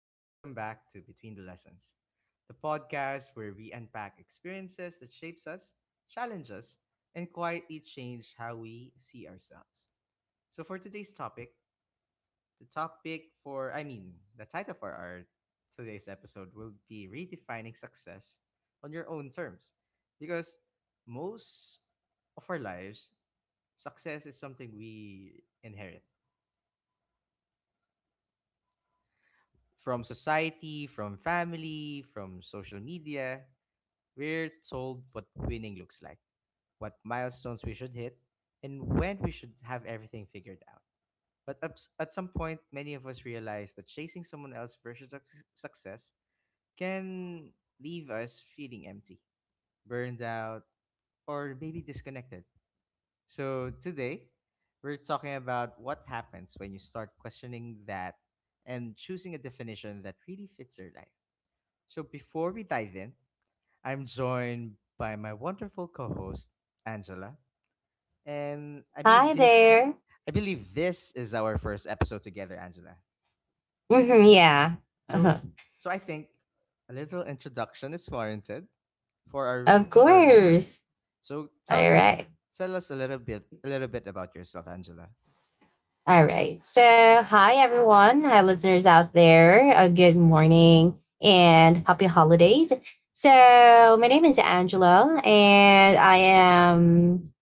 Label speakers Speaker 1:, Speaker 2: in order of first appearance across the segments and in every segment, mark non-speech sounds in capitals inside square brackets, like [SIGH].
Speaker 1: and welcome back to Between the Lessons, the podcast where we unpack experiences that shapes us, challenge us, and quietly change how we see ourselves. So for today's topic, the topic for I mean the title for our today's episode will be redefining success on your own terms. Because most of our lives, success is something we inherit, from society, from family, from social media. We're told what winning looks like, what milestones we should hit, and when we should have everything figured out. But at some point, many of us realize that chasing someone else's version of success can leave us feeling empty, burned out, or maybe disconnected. So today, we're talking about what happens when you start questioning that and choosing a definition that really fits your life. So before we dive in, I'm joined by my wonderful co-host Angela, and I believe
Speaker 2: Hi
Speaker 1: this
Speaker 2: there.
Speaker 1: I believe this is our first episode together, Angela.
Speaker 2: Mhm, yeah.
Speaker 1: So
Speaker 2: Uh-huh.
Speaker 1: so I think a little introduction is warranted for
Speaker 2: Of
Speaker 1: our for our viewers.
Speaker 2: course.
Speaker 1: So
Speaker 2: All right.
Speaker 1: tell us a little bit about yourself, Angela.
Speaker 2: All right. So, hi everyone. Hi listeners out there. A good morning and happy holidays. So, my name is Angela and I am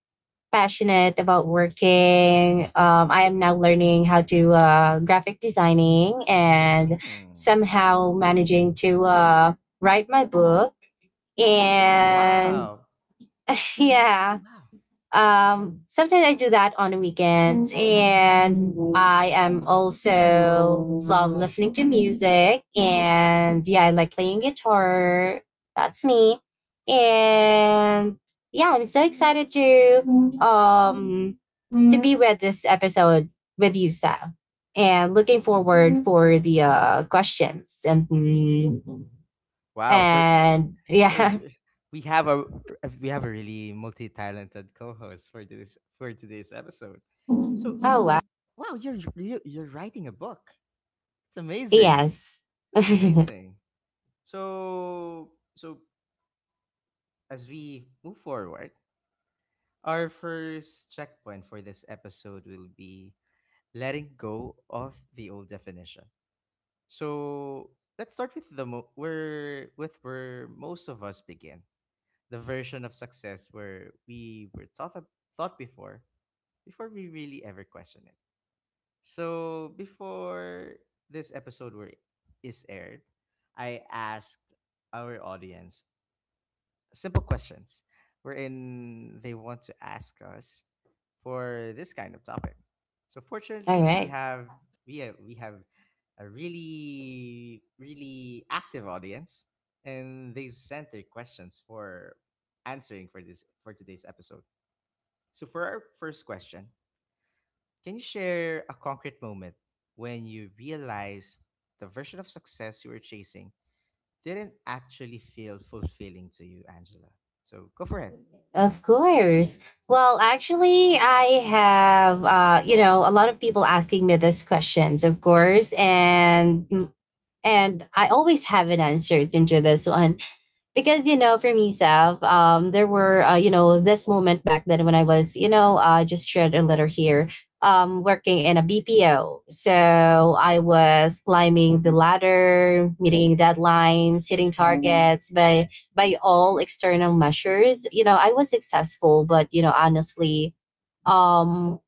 Speaker 2: passionate about working. I am now learning how to graphic designing and
Speaker 1: Mm.
Speaker 2: somehow managing to write my book and
Speaker 1: Wow.
Speaker 2: [LAUGHS] yeah,
Speaker 1: Wow.
Speaker 2: sometimes I do that on the weekends, and I am also love listening to music, and yeah, I like playing guitar. That's me, and yeah, I'm so excited um to be with this episode with you, Sam, and looking forward for the questions and
Speaker 1: Wow.
Speaker 2: and
Speaker 1: So
Speaker 2: yeah. [LAUGHS]
Speaker 1: y- We have a we have a really multi-talented co-host for this for today's episode. So,
Speaker 2: Oh wow,
Speaker 1: you, wow, you're writing a book. It's amazing.
Speaker 2: yes. [LAUGHS]
Speaker 1: It's
Speaker 2: All
Speaker 1: amazing. So, as we move forward, our first checkpoint for this episode will be letting go of the old definition. So, let's start with the mo- where with where most of us begin, the version of success where we were thought before we really ever question it. So before this episode were is aired, I asked our audience simple questions wherein they want to ask us for this kind of topic. So fortunately,
Speaker 2: right.
Speaker 1: we have a really really active audience, and they've sent their questions for answering for this for today's episode. So for our first question, can you share a concrete moment when you realized the version of success you were chasing didn't actually feel fulfilling to you, Angela? So go for it.
Speaker 2: Of course. Well, actually, I have, you know, a lot of people asking me these questions, of course, and I always have an answer into this one. Because, you know, for me, Sav, there were, you know, this moment back then when I was, you know, just shared a letter here, working in a BPO. So I was climbing the ladder, meeting deadlines, hitting targets. By all external measures, you know, I was successful. But, you know, honestly, um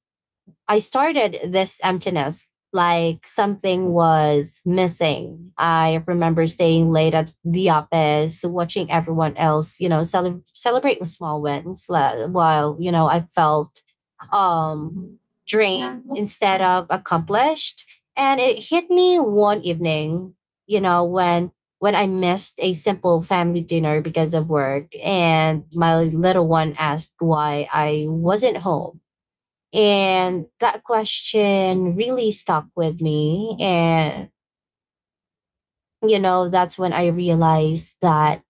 Speaker 2: I started this emptiness like something was missing. I remember staying late at the office, watching everyone else, you know, celebrating small wins, while, you know, I felt um drained instead of accomplished. And it hit me one evening, you know, when I missed a simple family dinner because of work and my little one asked why I wasn't home, and that question really stuck with me. And, you know, that's when I realized that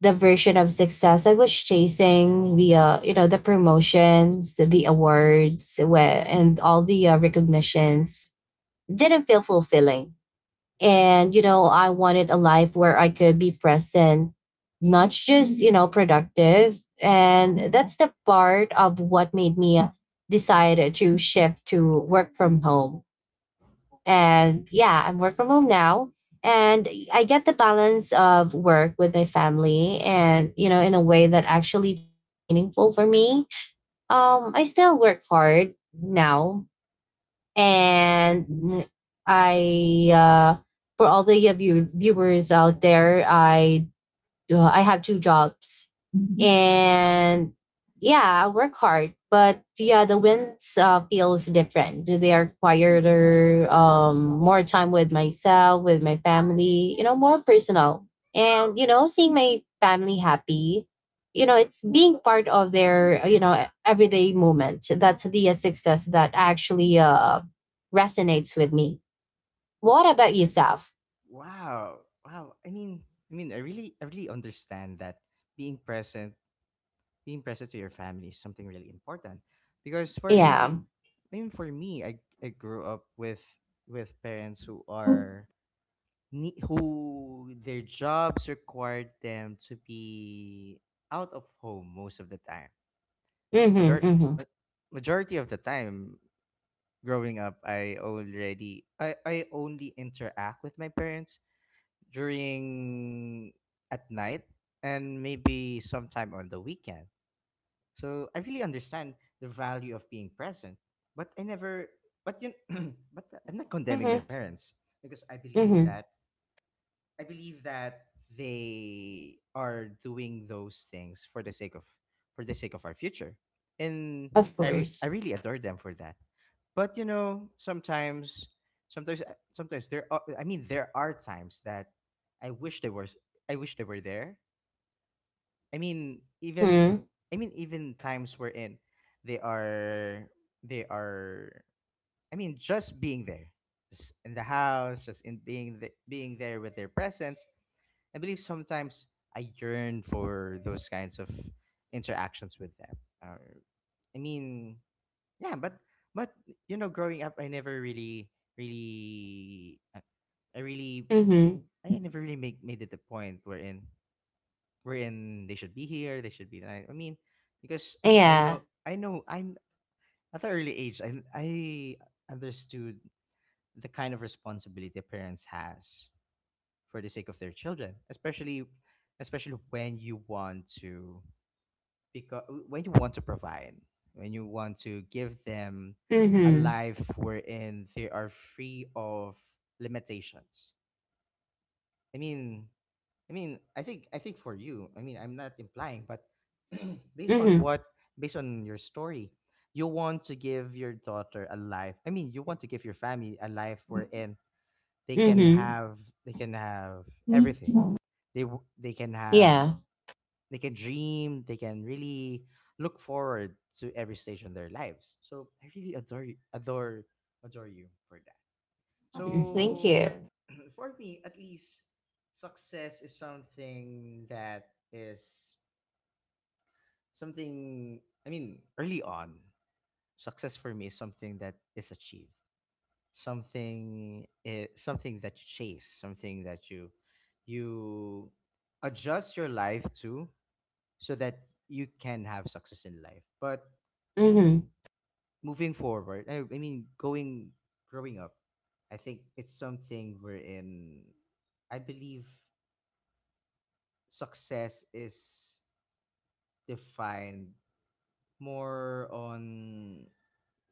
Speaker 2: the version of success I was chasing via, you know, the promotions, the awards, where, and all the recognitions didn't feel fulfilling. And, you know, I wanted a life where I could be present, not just, you know, productive. And that's the part of what made me decide to shift to work from home. And yeah, I'm work from home now. And I get the balance of work with my family and, you know, in a way that actually feels meaningful for me. I still work hard now. And I, for all the of you viewers out there, I have two jobs and yeah, I work hard. But yeah, the wins feels different. They are quieter, more time with myself, with my family. You know, more personal. And you know, seeing my family happy. You know, it's being part of their, everyday moment. That's the success that actually resonates with me. What about yourself?
Speaker 1: Wow. Wow. I mean, I really understand that being present, being present to your family is something really important. Because for me,
Speaker 2: Yeah.
Speaker 1: I mean, for me, I grew up with parents who are who their jobs required them to be out of home most of the time.
Speaker 2: Mm-hmm,
Speaker 1: Major-
Speaker 2: mm-hmm,
Speaker 1: ma- Majority of the time growing up, I only interact with my parents during at night and maybe sometime on the weekend. So I really understand the value of being present, but I never but you [CLEARS THROAT] but I'm not condemning
Speaker 2: mm-hmm,
Speaker 1: my parents because I believe
Speaker 2: mm-hmm.
Speaker 1: that I believe that they are doing those things for the sake of our future, and
Speaker 2: Of course.
Speaker 1: I really adore them for that. But you know, sometimes there are times that I wish they were s- I wish they were there. I mean even
Speaker 2: Mhm.
Speaker 1: I mean even times wherein they are they are I mean just being there, just in the house, just in being there with their presence. I believe sometimes I yearn for those kinds of interactions with them. Or, I mean, yeah, but you know, growing up, I never really, really, I really,
Speaker 2: Mhm.
Speaker 1: I never really make made it the point wherein they should be here, they should be there. I mean, because I know,
Speaker 2: Yeah.
Speaker 1: I know, I'm at the early age, I understood the kind of responsibility a parents has for the sake of their children, especially when you want to, because when you want to provide, when you want to give them a
Speaker 2: Mhm.
Speaker 1: life wherein they are free of limitations. I mean, I think for you, I mean, I'm not implying, but [CLEARS THROAT] based on
Speaker 2: Mhm.
Speaker 1: what based on your story, you want to give your daughter a life. I mean, you want to give your family a life wherein they can
Speaker 2: Mhm.
Speaker 1: have they can have everything they can have,
Speaker 2: Yeah.
Speaker 1: they can dream, they can really look forward to every stage in their lives. So I really adore you for that.
Speaker 2: Thank
Speaker 1: So
Speaker 2: you.
Speaker 1: [CLEARS THROAT] for me at least, success is something that is something I mean early on, success for me is something that is achieved, something that you chase, something that you adjust your life to so that you can have success in life. But
Speaker 2: Mhm.
Speaker 1: moving forward, I mean going growing up, I think it's something we're in I believe success is defined more on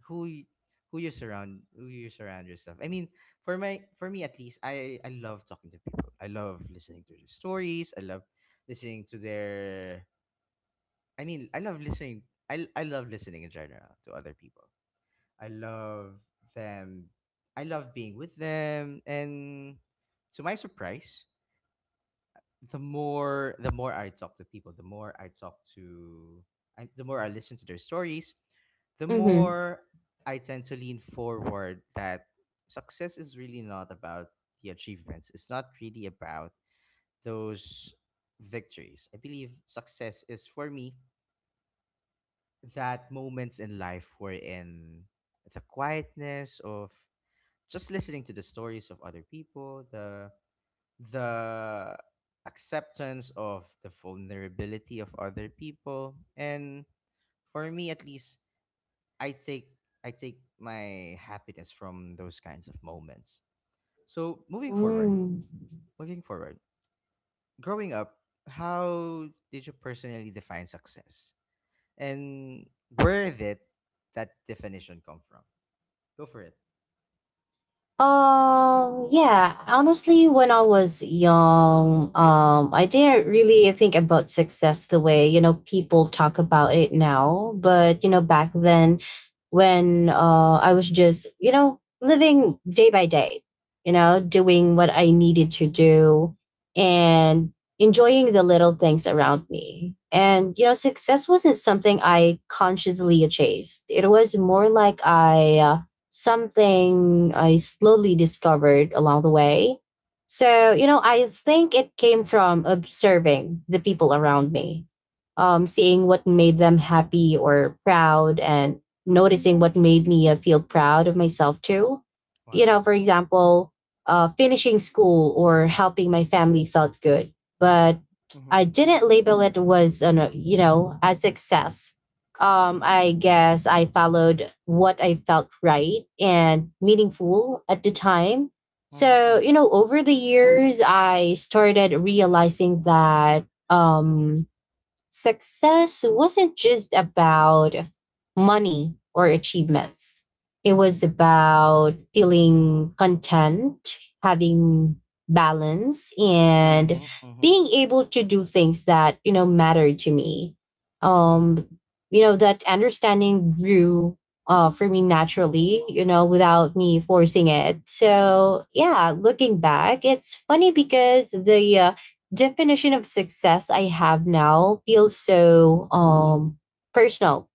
Speaker 1: who y- who you surround yourself. I mean, for me at least, I love talking to people, I love listening to their stories, I love listening to their I mean I love listening I love listening in general to other people. i love them I love being with them. And to my surprise, the more I talk to people, the more I listen to their stories, the
Speaker 2: Mhm.
Speaker 1: more I tend to lean forward that success is really not about the achievements. It's not really about those victories. I believe success is, for me, that moments in life were in the quietness of just listening to the stories of other people, the acceptance of the vulnerability of other people. And for me at least, i take I take my happiness from those kinds of moments. So
Speaker 2: Mm.
Speaker 1: moving forward, growing up, how did you personally define success, and where did that definition come from? Go for it.
Speaker 2: Yeah, honestly, when I was young, I didn't really think about success the way, you know, people talk about it now. But, you know, back then when I was just, you know, living day by day, you know, doing what I needed to do and enjoying the little things around me. And, you know, success wasn't something I consciously chased. It was more like I something I slowly discovered along the way. So, you know, I think it came from observing the people around me, seeing what made them happy or proud, and noticing what made me feel proud of myself too. You know,
Speaker 1: Wow.
Speaker 2: for example, finishing school or helping my family felt good, but
Speaker 1: mhm
Speaker 2: I
Speaker 1: mhm
Speaker 2: didn't label it was, you know, a success. I guess I followed what I felt right and meaningful at the time.
Speaker 1: mhm
Speaker 2: So,
Speaker 1: mhm
Speaker 2: you know, over the years, I started realizing that, success wasn't just about money or achievements. It was about feeling content, having balance, and
Speaker 1: mhm mhm
Speaker 2: being able to do things that, you know, mattered to me.
Speaker 1: Mhm.
Speaker 2: Um, that understanding grew, for me naturally, you know, without me forcing it. So, yeah, looking back, it's funny because the definition of success I have now feels so personal.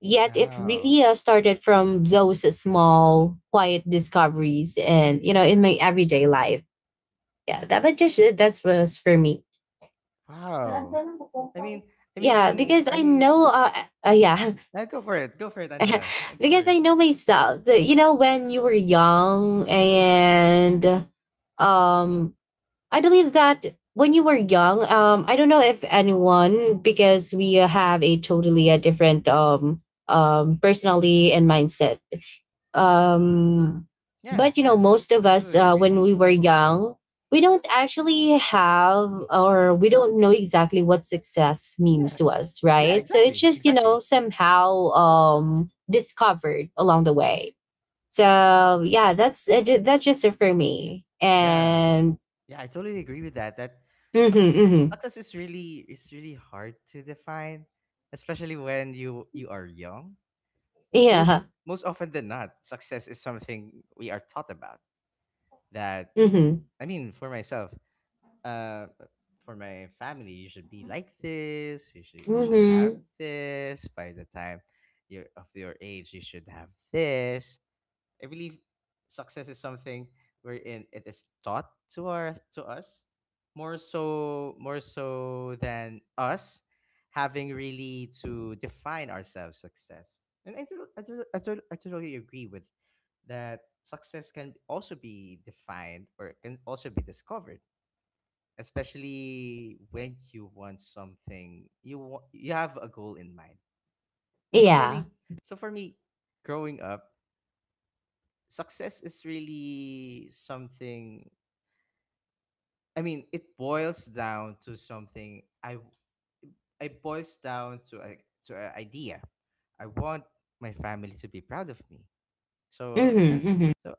Speaker 2: Yet it
Speaker 1: Wow.
Speaker 2: really started from those small, quiet discoveries, and you know, in my everyday life. Yeah, that's was for me.
Speaker 1: Wow. I mean,
Speaker 2: Yeah, because
Speaker 1: I
Speaker 2: I
Speaker 1: mean,
Speaker 2: know. Yeah,
Speaker 1: Go for it,
Speaker 2: [LAUGHS]
Speaker 1: Angela. Go for
Speaker 2: because I
Speaker 1: it.
Speaker 2: know myself. That, you know, when you were young and um I believe that when you were young, I don't know if anyone, because we have a totally a different personality and mindset. Um,
Speaker 1: Yeah,
Speaker 2: but you know,
Speaker 1: yeah,
Speaker 2: most of
Speaker 1: I
Speaker 2: us,
Speaker 1: totally agree.
Speaker 2: when we were young, we don't actually have or we don't know exactly what success means
Speaker 1: Yeah,
Speaker 2: to us,
Speaker 1: yeah,
Speaker 2: right? So it's
Speaker 1: exactly,
Speaker 2: just, you know,
Speaker 1: exactly.
Speaker 2: somehow, discovered along the way. So yeah, that's just it for me.
Speaker 1: Yeah,
Speaker 2: And
Speaker 1: yeah, I totally agree with that. That
Speaker 2: mhm,
Speaker 1: success,
Speaker 2: mhm.
Speaker 1: success is really hard to define, especially when you are young.
Speaker 2: Yeah.
Speaker 1: Most often than not, success is something we are taught about. That
Speaker 2: Mhm.
Speaker 1: I mean, for myself, uh, for my family, you should be like this, you should have
Speaker 2: Mhm.
Speaker 1: this by the time you're of your age, you should have this. I believe success is something wherein it is taught to us, more so than us having really to define ourselves success. And I totally agree with that success can also be defined or can also be discovered, especially when you want something, you have a goal in mind. so for
Speaker 2: Yeah.
Speaker 1: me so for me, growing up, success is really something, I mean it boils down to something I boils down to a to an idea. I want my family to be proud of me. so
Speaker 2: Mhm. Mhm.
Speaker 1: so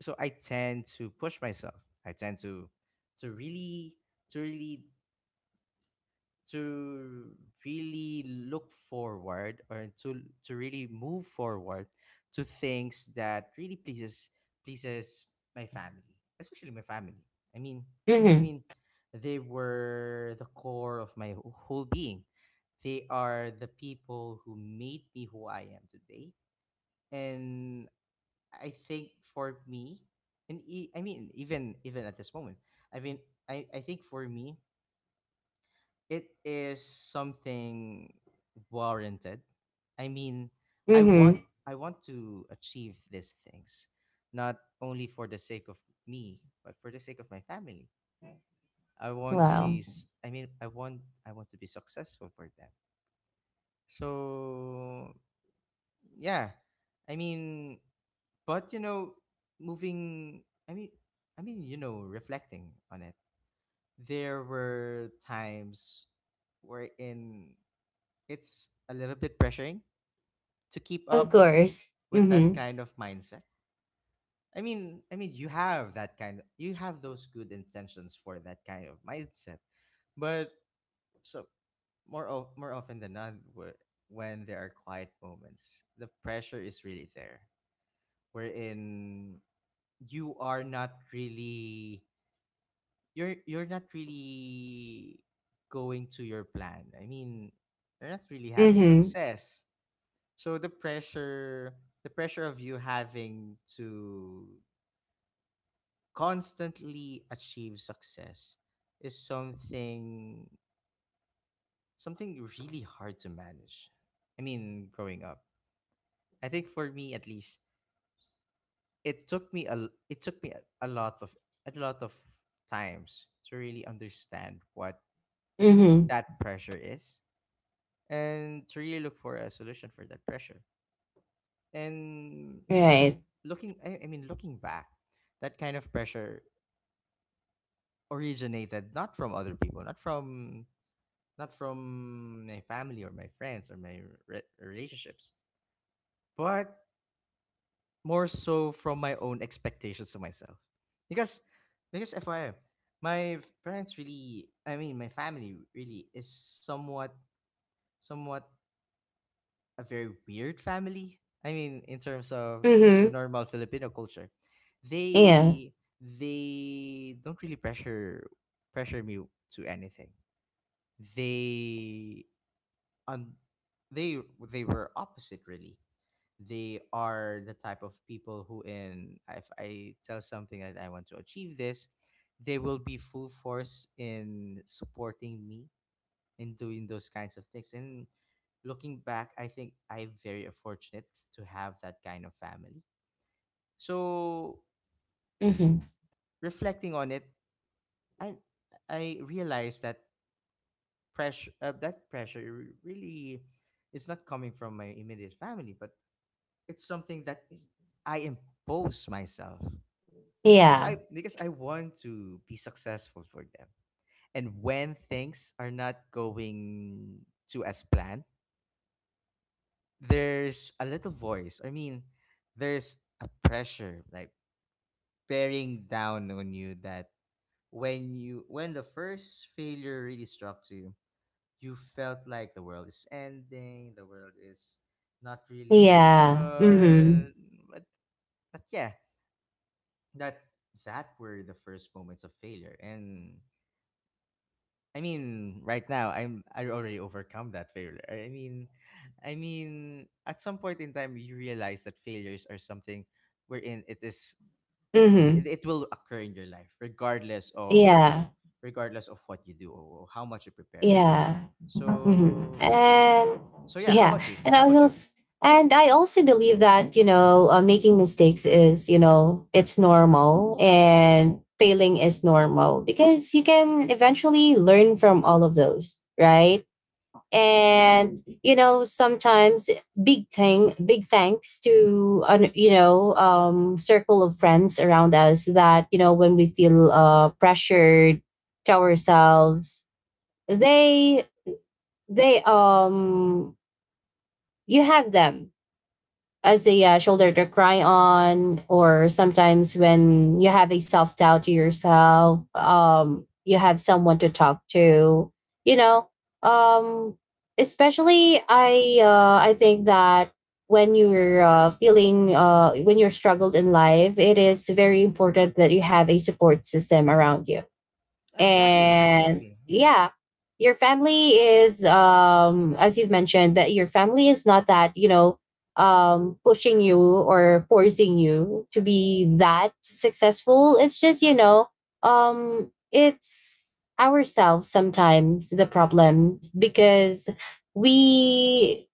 Speaker 1: so I tend to push myself, I tend to to really to really to really look forward, or to really move forward to things that really pleases my family, especially my family. i mean i
Speaker 2: Mhm.
Speaker 1: mean they were the core of my whole being. They are the people who made me who I am today. And I think for me, and e- I mean even even at this moment, i mean I think for me it is something warranted. I mean, I want
Speaker 2: Mhm.
Speaker 1: I want to achieve these things, not only for the sake of me, but for the sake of my family. I want to be
Speaker 2: Wow.
Speaker 1: s- I mean, I want to be successful for them. So, yeah. I mean, but you know, moving I mean, I mean, you know, reflecting on it, there were times wherein it's a little bit pressuring to keep
Speaker 2: Of
Speaker 1: up
Speaker 2: course.
Speaker 1: with that
Speaker 2: Mhm.
Speaker 1: kind of mindset. You have that kind of, you have those good intentions for that kind of mindset, but so more often than not, when there are quiet moments, the pressure is really there. Wherein you are not really, you're not really going to your plan. I mean, you're not really having
Speaker 2: Mhm.
Speaker 1: success. So the pressure of you having to constantly achieve success is something really hard to manage. I mean, growing up. I think for me at least, it took me a lot of a lot of times to really understand what
Speaker 2: Mhm.
Speaker 1: that pressure is and to really look for a solution for that pressure. And
Speaker 2: Right.
Speaker 1: looking I mean looking back, that kind of pressure originated not from other people, not from my family or my friends or my relationships, but more so from my own expectations to myself. Because because FYI, my parents really, my family really is somewhat a very weird family. I mean, in terms of the
Speaker 2: Mhm.
Speaker 1: normal Filipino culture,
Speaker 2: Yeah.
Speaker 1: they they don't really pressure me to anything. They un- they they were opposite really. They are the type of people who in if I tell something that I want to achieve this, they will be full force in supporting me in doing those kinds of things. And looking back, I think I'm very fortunate to have that kind of family. So
Speaker 2: Mhm.
Speaker 1: reflecting on it, i I realized that pressure really is not coming from my immediate family, but it's something that I impose myself, because
Speaker 2: Yeah.
Speaker 1: i because i want to be successful for them. And when things are not going to as planned, there's a little voice I mean there's a pressure like bearing down on you, that when the first failure really struck to you, you felt like the world is ending, the world is not really
Speaker 2: Yeah. Mhm.
Speaker 1: good. But but yeah, that that were the first moments of failure. And right now I already overcome that failure. I mean, at some point in time you realize that failures are something wherein it is it,
Speaker 2: Mhm.
Speaker 1: it will occur in your life
Speaker 2: Yeah.
Speaker 1: regardless of what you do or how much you prepare.
Speaker 2: Yeah. Hmm.
Speaker 1: So
Speaker 2: And
Speaker 1: so yeah, how
Speaker 2: yeah,
Speaker 1: about you?
Speaker 2: and I also believe that you know, making mistakes is, you know, it's normal and failing is normal because you can eventually learn from all of those, right? And you know sometimes big thanks to an, you know, circle of friends around us that you know when we feel pressured to ourselves, they they you have them as a shoulder to cry on, or sometimes when you have a self-doubt to yourself, you have someone to talk to, you know um especially I think that when you're, feeling, when you're struggled in life, it is very important that you have a support system around you.
Speaker 1: Exactly,
Speaker 2: And
Speaker 1: exactly. Yeah.
Speaker 2: yeah, your family is, as you've mentioned, that your family is not that, you know, pushing you or forcing you to be that successful. It's just, you know, it's ourselves sometimes the problem, because we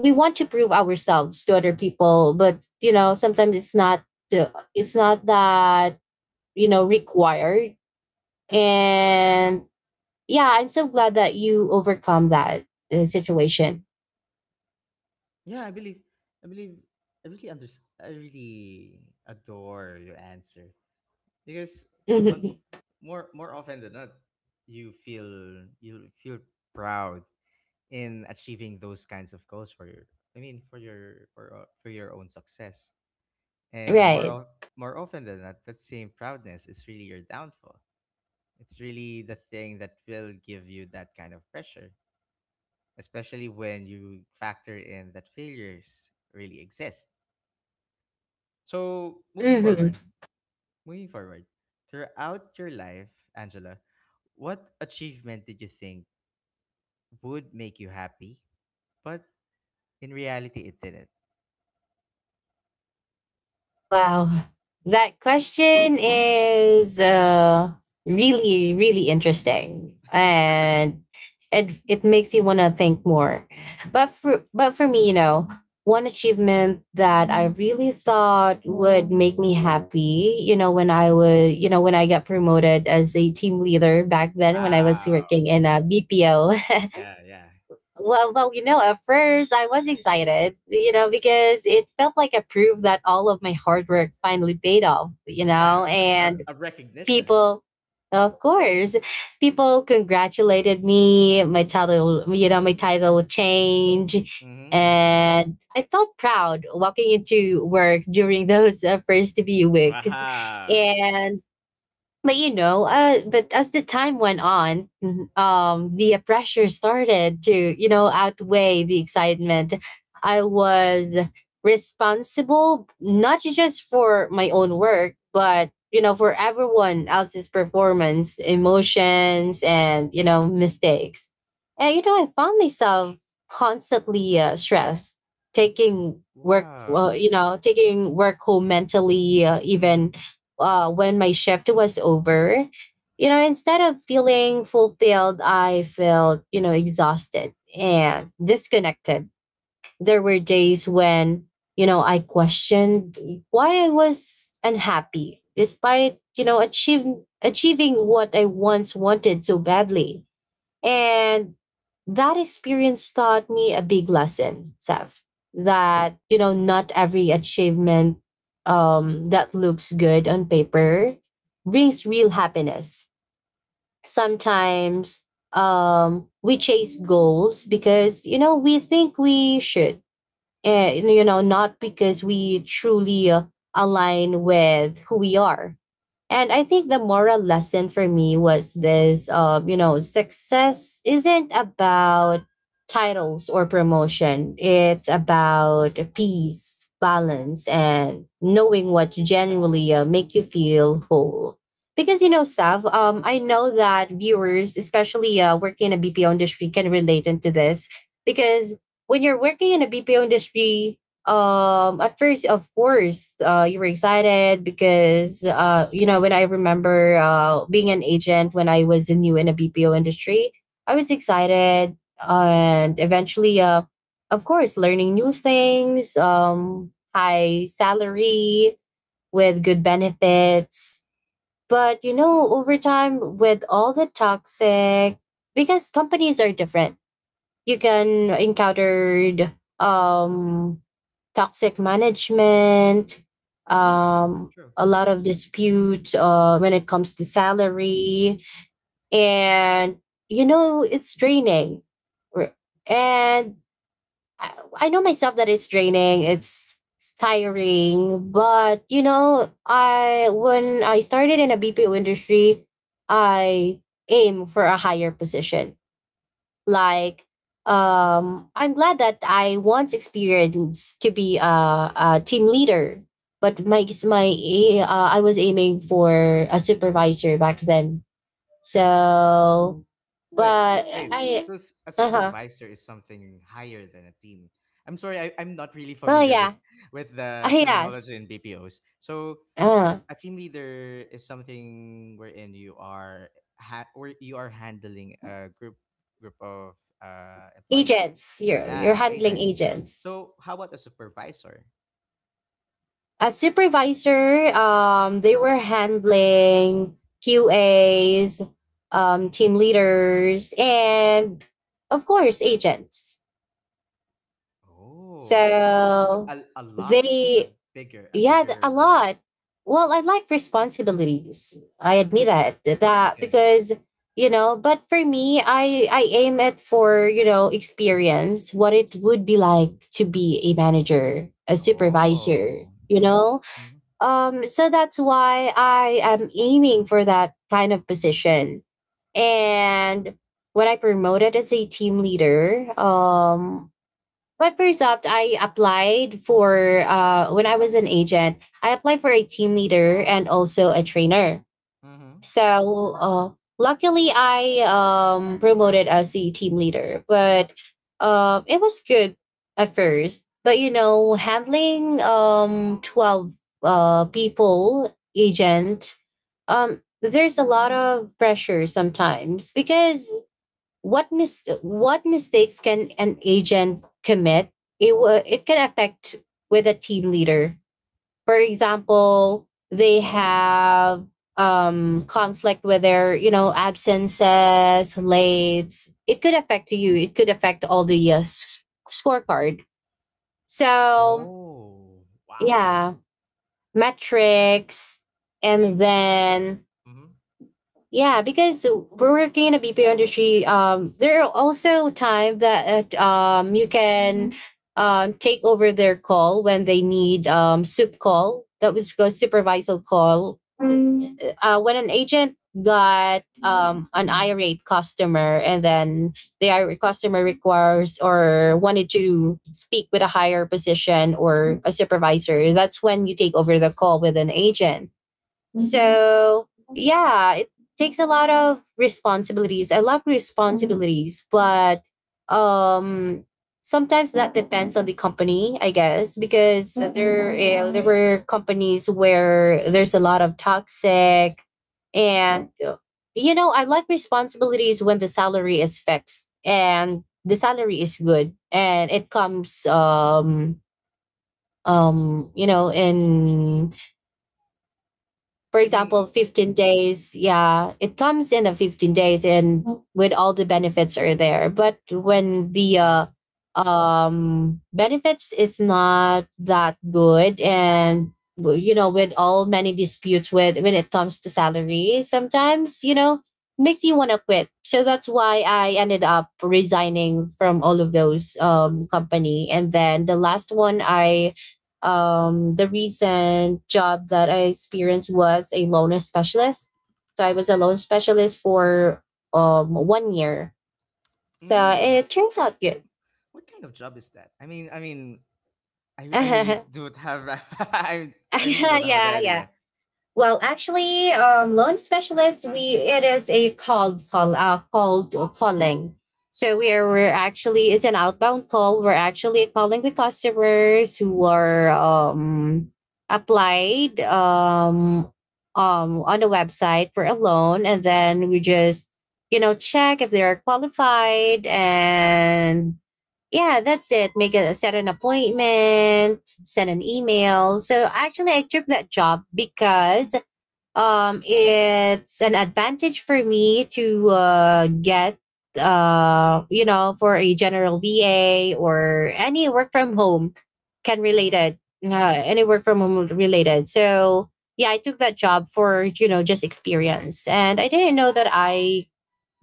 Speaker 2: we want to prove ourselves to other people, but you know sometimes it's not that, you know, required. And yeah, I'm so glad that you overcome that situation. [LAUGHS]
Speaker 1: Yeah, I believe I believe I really under I really adore your answer. Because one p-
Speaker 2: Mhm.
Speaker 1: more more often than not, you feel proud in achieving those kinds of goals for your, I mean for your own success. And
Speaker 2: Right.
Speaker 1: more often than not, that same proudness is really your downfall. It's really the thing that will give you that kind of pressure, especially when you factor in that failures really exist. So,
Speaker 2: Hmm.
Speaker 1: moving forward, throughout your life, Angela, what achievement did you think would make you happy, but in reality it didn't?
Speaker 2: Wow. That question is, really, really interesting.
Speaker 1: [LAUGHS]
Speaker 2: And it makes you want to think more. But for me, you know, one achievement that I really thought would make me happy, you know, you know, when I got promoted as a team leader back then when I was
Speaker 1: Wow.
Speaker 2: working in a BPO.
Speaker 1: Yeah, yeah.
Speaker 2: Well, you know, at first I was excited, you know, because it felt like a proof that all of my hard work finally paid off, you know,
Speaker 1: Yeah, a recognition.
Speaker 2: people, of course, people congratulated me. My my title would change.
Speaker 1: Mm-hmm, mm-hmm.
Speaker 2: And I felt proud walking into work during those first few weeks.
Speaker 1: Wow.
Speaker 2: But you know, but as the time went on, the pressure started to, you know, outweigh the excitement. I was responsible not just for my own work, but you know, for everyone else's performance, emotions, and you know, mistakes. And you know, I found myself constantly, stressed,
Speaker 1: Wow.
Speaker 2: taking work home mentally,
Speaker 1: Mm-hmm.
Speaker 2: even, when my shift was over, you know, instead of feeling fulfilled, I felt, you know, exhausted and disconnected. There were days when, you know, I questioned why I was unhappy despite, you know, achieving what I once wanted so badly. And that experience taught me a big lesson, Seth, that, you know, not every achievement, that looks good on paper brings real happiness. Sometimes, we chase goals because, you know, we think we should, you know, not because we truly, align with who we are. And I think the moral lesson for me was this, you know, success isn't about titles or promotion. It's about peace, balance, and knowing what genuinely, make you feel whole. Because, you know, Sav, I know that viewers, especially working in a BPO industry, can relate into this because when you're working in the BPO industry, at first, of course, you were excited because, you know, when I remember, being an agent when I was new in the BPO industry, I was excited and eventually, of course, learning new things, high salary with good benefits. But, you know, over time, with all the toxic, because companies are different you can encounter, um, toxic management,
Speaker 1: Yeah, true.
Speaker 2: a lot of disputes, when it comes to salary. And, you know, it's draining. R- And I know myself that it's draining, it's tiring. But, you know, I when I started in a BPO industry, I aim for a higher position like, I'm glad that I once experienced to be a team leader, but my I was aiming for a supervisor back then. So,
Speaker 1: Wait,
Speaker 2: but
Speaker 1: wait.
Speaker 2: I,
Speaker 1: So a
Speaker 2: uh huh.
Speaker 1: supervisor is something higher than a team. I'm sorry, I'm not really
Speaker 2: Oh
Speaker 1: familiar
Speaker 2: yeah,
Speaker 1: with
Speaker 2: [LAUGHS]
Speaker 1: the
Speaker 2: yes.
Speaker 1: terminology in BPOs. So
Speaker 2: Uh,
Speaker 1: a team leader is something wherein you are where you are handling a group group of employees.
Speaker 2: Agents. You're
Speaker 1: Yeah,
Speaker 2: handling
Speaker 1: agents.
Speaker 2: agents.
Speaker 1: So how about a supervisor?
Speaker 2: As supervisor, they were handling QAs, team leaders, and of course agents.
Speaker 1: Oh, so so
Speaker 2: So
Speaker 1: a, a lot a
Speaker 2: they
Speaker 1: a
Speaker 2: you had a
Speaker 1: bigger role.
Speaker 2: lot. Well, I like responsibilities. I admit
Speaker 1: Mm-hmm.
Speaker 2: it that
Speaker 1: Okay.
Speaker 2: because but for me, I aim it for experience, what it would be like to be a manager, a supervisor.
Speaker 1: Oh. Mhm. Mhm.
Speaker 2: So that's why I am aiming for that kind of position. And when I promoted as a team leader, but first off, I applied for when I was an agent, I applied for a team leader and also a trainer.
Speaker 1: Mhm.
Speaker 2: So luckily, I promoted as a team leader, but it was good at first. But you know, handling 12 people, agent, there's a lot of pressure sometimes because what mistakes can an agent commit? It can affect with a team leader. For example, they have conflict with their absences, lates. It could affect you, it could affect all the scorecard, so
Speaker 1: Oh, wow.
Speaker 2: yeah, metrics.
Speaker 1: I
Speaker 2: And
Speaker 1: mean,
Speaker 2: then
Speaker 1: mhm.
Speaker 2: yeah, because we're working in a BPO industry, there are also time that you can take over their call when they need soup call that was a supervisor call, when an agent got an irate customer and then the irate customer requires or wanted to speak with a higher position or a supervisor, that's when you take over the call with an agent. So yeah, it takes a lot of responsibilities. I love responsibilities, but um sometimes that depends on the company, I guess, because there you know, there were companies where there's a lot of toxic. And you know, I like responsibilities when the salary is fixed and the salary is good and it comes you know, in for
Speaker 1: I
Speaker 2: example
Speaker 1: mean,
Speaker 2: 15 days. Yeah, it comes in the 15 days and with all the benefits are there. But when the
Speaker 1: mhm.
Speaker 2: benefits is not that good and well, you know, with all many disputes with when it comes to salary sometimes, you know, makes you want to quit. So that's why I ended up resigning from all of those company. And then the last one I the recent job that I experienced was a loan specialist. So I was a loan specialist for 1 year. So
Speaker 1: Mm.
Speaker 2: it turns
Speaker 1: What
Speaker 2: out good.
Speaker 1: what kind of job is that?
Speaker 2: [LAUGHS]
Speaker 1: I really
Speaker 2: Yeah,
Speaker 1: don't [LAUGHS] I really don't have an
Speaker 2: yeah.
Speaker 1: idea.
Speaker 2: Well, actually, loan specialist, we it is a cold call, cold calling. So we're actually, it's an outbound call. We're actually calling the customers who are applied on the website for a loan, and then we just, you know, check if they are qualified, and yeah, that's it. Make a Set an appointment, send an email. So actually, I took that job because it's an advantage for me to get you know, for a general VA or any work from home can
Speaker 1: Mhm.
Speaker 2: related, any work from home related. So yeah, I took that job for, you know, just experience. And I didn't know that i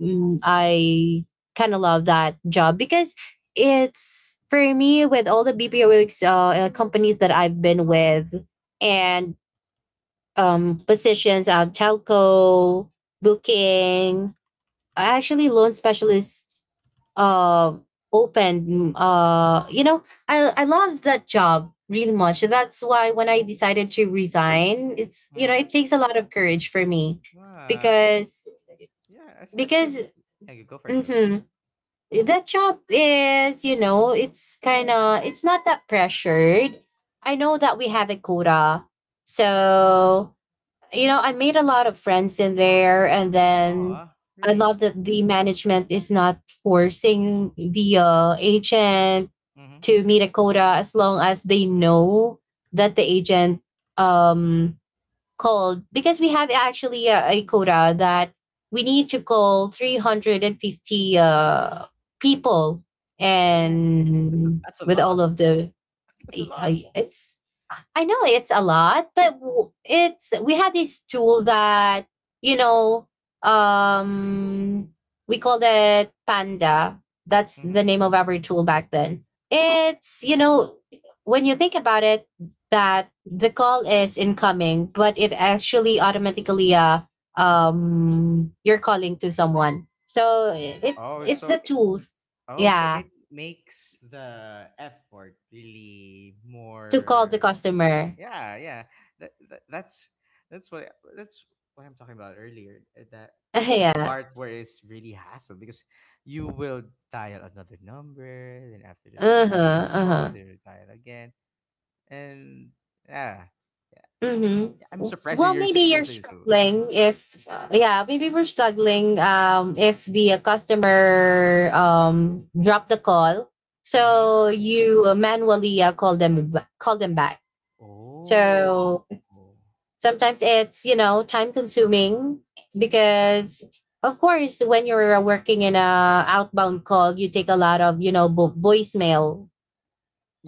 Speaker 2: mm, I kind of love that job because it's for me, with all the BPOs companies that I've been with, and positions on telco, booking. Actually, loan specialists uh, open. You know, I love that job really much. So that's why when I decided to resign, it's, you know,
Speaker 1: Mhm.
Speaker 2: it takes a lot of courage for me
Speaker 1: Wow. I,
Speaker 2: because
Speaker 1: yeah, as
Speaker 2: because
Speaker 1: you Yeah, you go for it, go for it.
Speaker 2: mhm, that job is, you know, it's kind of, it's not that pressured. I know that we have a quota, so you know, I made a lot of friends in there. And then
Speaker 1: Oh,
Speaker 2: I love
Speaker 1: really?
Speaker 2: that the management is not forcing the agent
Speaker 1: Mhm.
Speaker 2: to meet a quota as long as they know that the agent um called because we have actually a quota that we need to call 350 uh people
Speaker 1: Oh,
Speaker 2: and
Speaker 1: that's a
Speaker 2: with all
Speaker 1: lot.
Speaker 2: of the
Speaker 1: [LAUGHS] That's a lot.
Speaker 2: it's, I know it's a lot, but it's, we had this tool that, you know, um we called it Panda. That's the
Speaker 1: Mhm.
Speaker 2: name of
Speaker 1: Mhm.
Speaker 2: our tool back then. It's, you know, when you think about it, that the call is incoming, but it actually automatically you're calling to someone. So
Speaker 1: Oh,
Speaker 2: it's the
Speaker 1: so,
Speaker 2: tools, yeah,
Speaker 1: It makes the effort really
Speaker 2: to call the
Speaker 1: more.
Speaker 2: customer.
Speaker 1: Yeah, yeah. That, that that's that's what that's what I'm talking about earlier. That
Speaker 2: [LAUGHS]
Speaker 1: the
Speaker 2: Yeah.
Speaker 1: part where it's really hassle because you will dial another number, then
Speaker 2: Uh
Speaker 1: after
Speaker 2: huh.
Speaker 1: the
Speaker 2: Uh
Speaker 1: call,
Speaker 2: huh.
Speaker 1: then you dial again, and yeah, yeah. Yeah,
Speaker 2: Mm-hmm.
Speaker 1: I'm surprised that
Speaker 2: Well,
Speaker 1: you're
Speaker 2: maybe
Speaker 1: you're
Speaker 2: you're
Speaker 1: saying so. Yeah.
Speaker 2: struggling
Speaker 1: [LAUGHS]
Speaker 2: if, yeah, maybe we're struggling if the customer dropped the call.
Speaker 1: Mm-hmm.
Speaker 2: So you manually call them back.
Speaker 1: Oh.
Speaker 2: So sometimes it's, you know, time consuming because of course when you're working in a outbound call, you take a lot of, you know, voicemail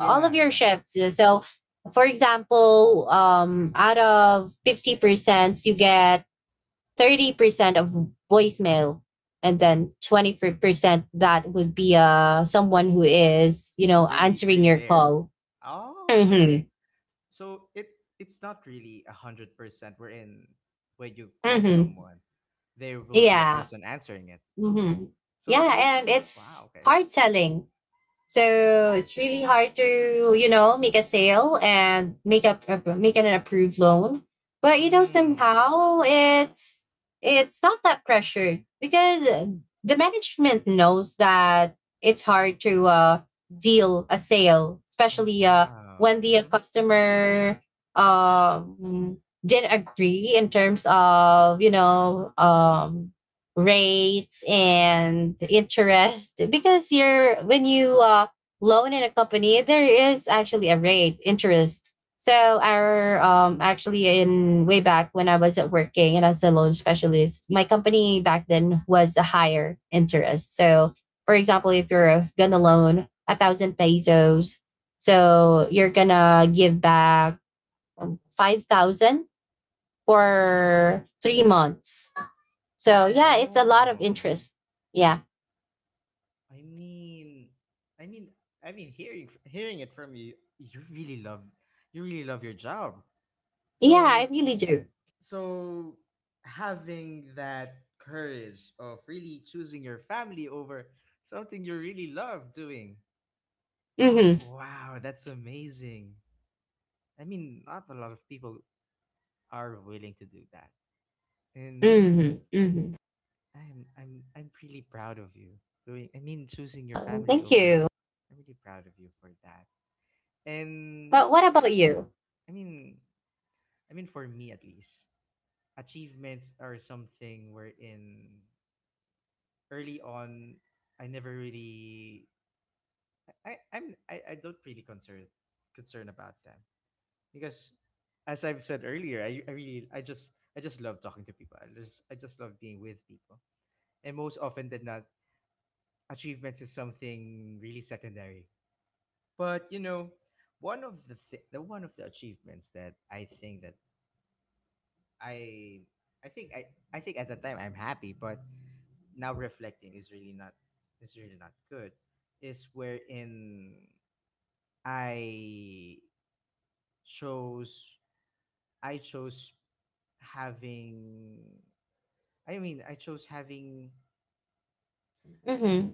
Speaker 2: all of your
Speaker 1: yeah.
Speaker 2: shifts. So, for example, out of 50%, you get 30% of voicemail. And then 20% that would be someone who is, you know,
Speaker 1: Really,
Speaker 2: answering
Speaker 1: really
Speaker 2: your
Speaker 1: there.
Speaker 2: call.
Speaker 1: Oh, okay.
Speaker 2: Mm-hmm.
Speaker 1: So it It's not really 100%, We're in when you call
Speaker 2: Mm-hmm.
Speaker 1: someone, there will be a
Speaker 2: Yeah.
Speaker 1: person answering it.
Speaker 2: Mm-hmm.
Speaker 1: So
Speaker 2: Yeah. And it's
Speaker 1: wow, okay.
Speaker 2: hard selling. So it's really hard to, you know, make a sale and make an approved loan. But you know,
Speaker 1: Hmm,
Speaker 2: somehow it's not that pressured because the management knows that it's hard to deal a sale,
Speaker 1: oh
Speaker 2: especially when
Speaker 1: wow.
Speaker 2: the
Speaker 1: Mm-hmm.
Speaker 2: customer um, didn't agree in terms of, you know, rates and interest. Because you're when you loan in a company, there is actually a rate interest. So our actually, in way back when I was working and as a loan specialist, my company back then was a higher interest. So for example, if you're gonna loan 1,000 pesos, so you're gonna give back 5,000 for 3 months. So yeah, it's a lot of
Speaker 1: Oh,
Speaker 2: interest. Yeah.
Speaker 1: I mean, I mean, I mean, hearing hearing it from you, you really love your job.
Speaker 2: Yeah, I
Speaker 1: So
Speaker 2: really do.
Speaker 1: so having that courage of really choosing your family over something you really love doing.
Speaker 2: Mm-hmm.
Speaker 1: Wow, that's amazing. I mean, not a lot of people are willing to do that. And
Speaker 2: Mm-hmm. Mm-hmm.
Speaker 1: I'm really proud of you. Doing, I mean, choosing your family
Speaker 2: Thank
Speaker 1: over.
Speaker 2: you.
Speaker 1: I'm really proud of you for that.
Speaker 2: But
Speaker 1: And
Speaker 2: what about you?
Speaker 1: I mean, I mean for me at least, achievements are something wherein, early on, I never really, I don't really concern concern about them. Because as I've said earlier, I just love talking to people. I just love being with people. And most often than not, achievements is something really secondary. But you know, one of the achievements that I think that I I think I I think at the time I'm happy, but now reflecting is really not good. Is wherein I chose I chose having I chose having.
Speaker 2: Mm-hmm.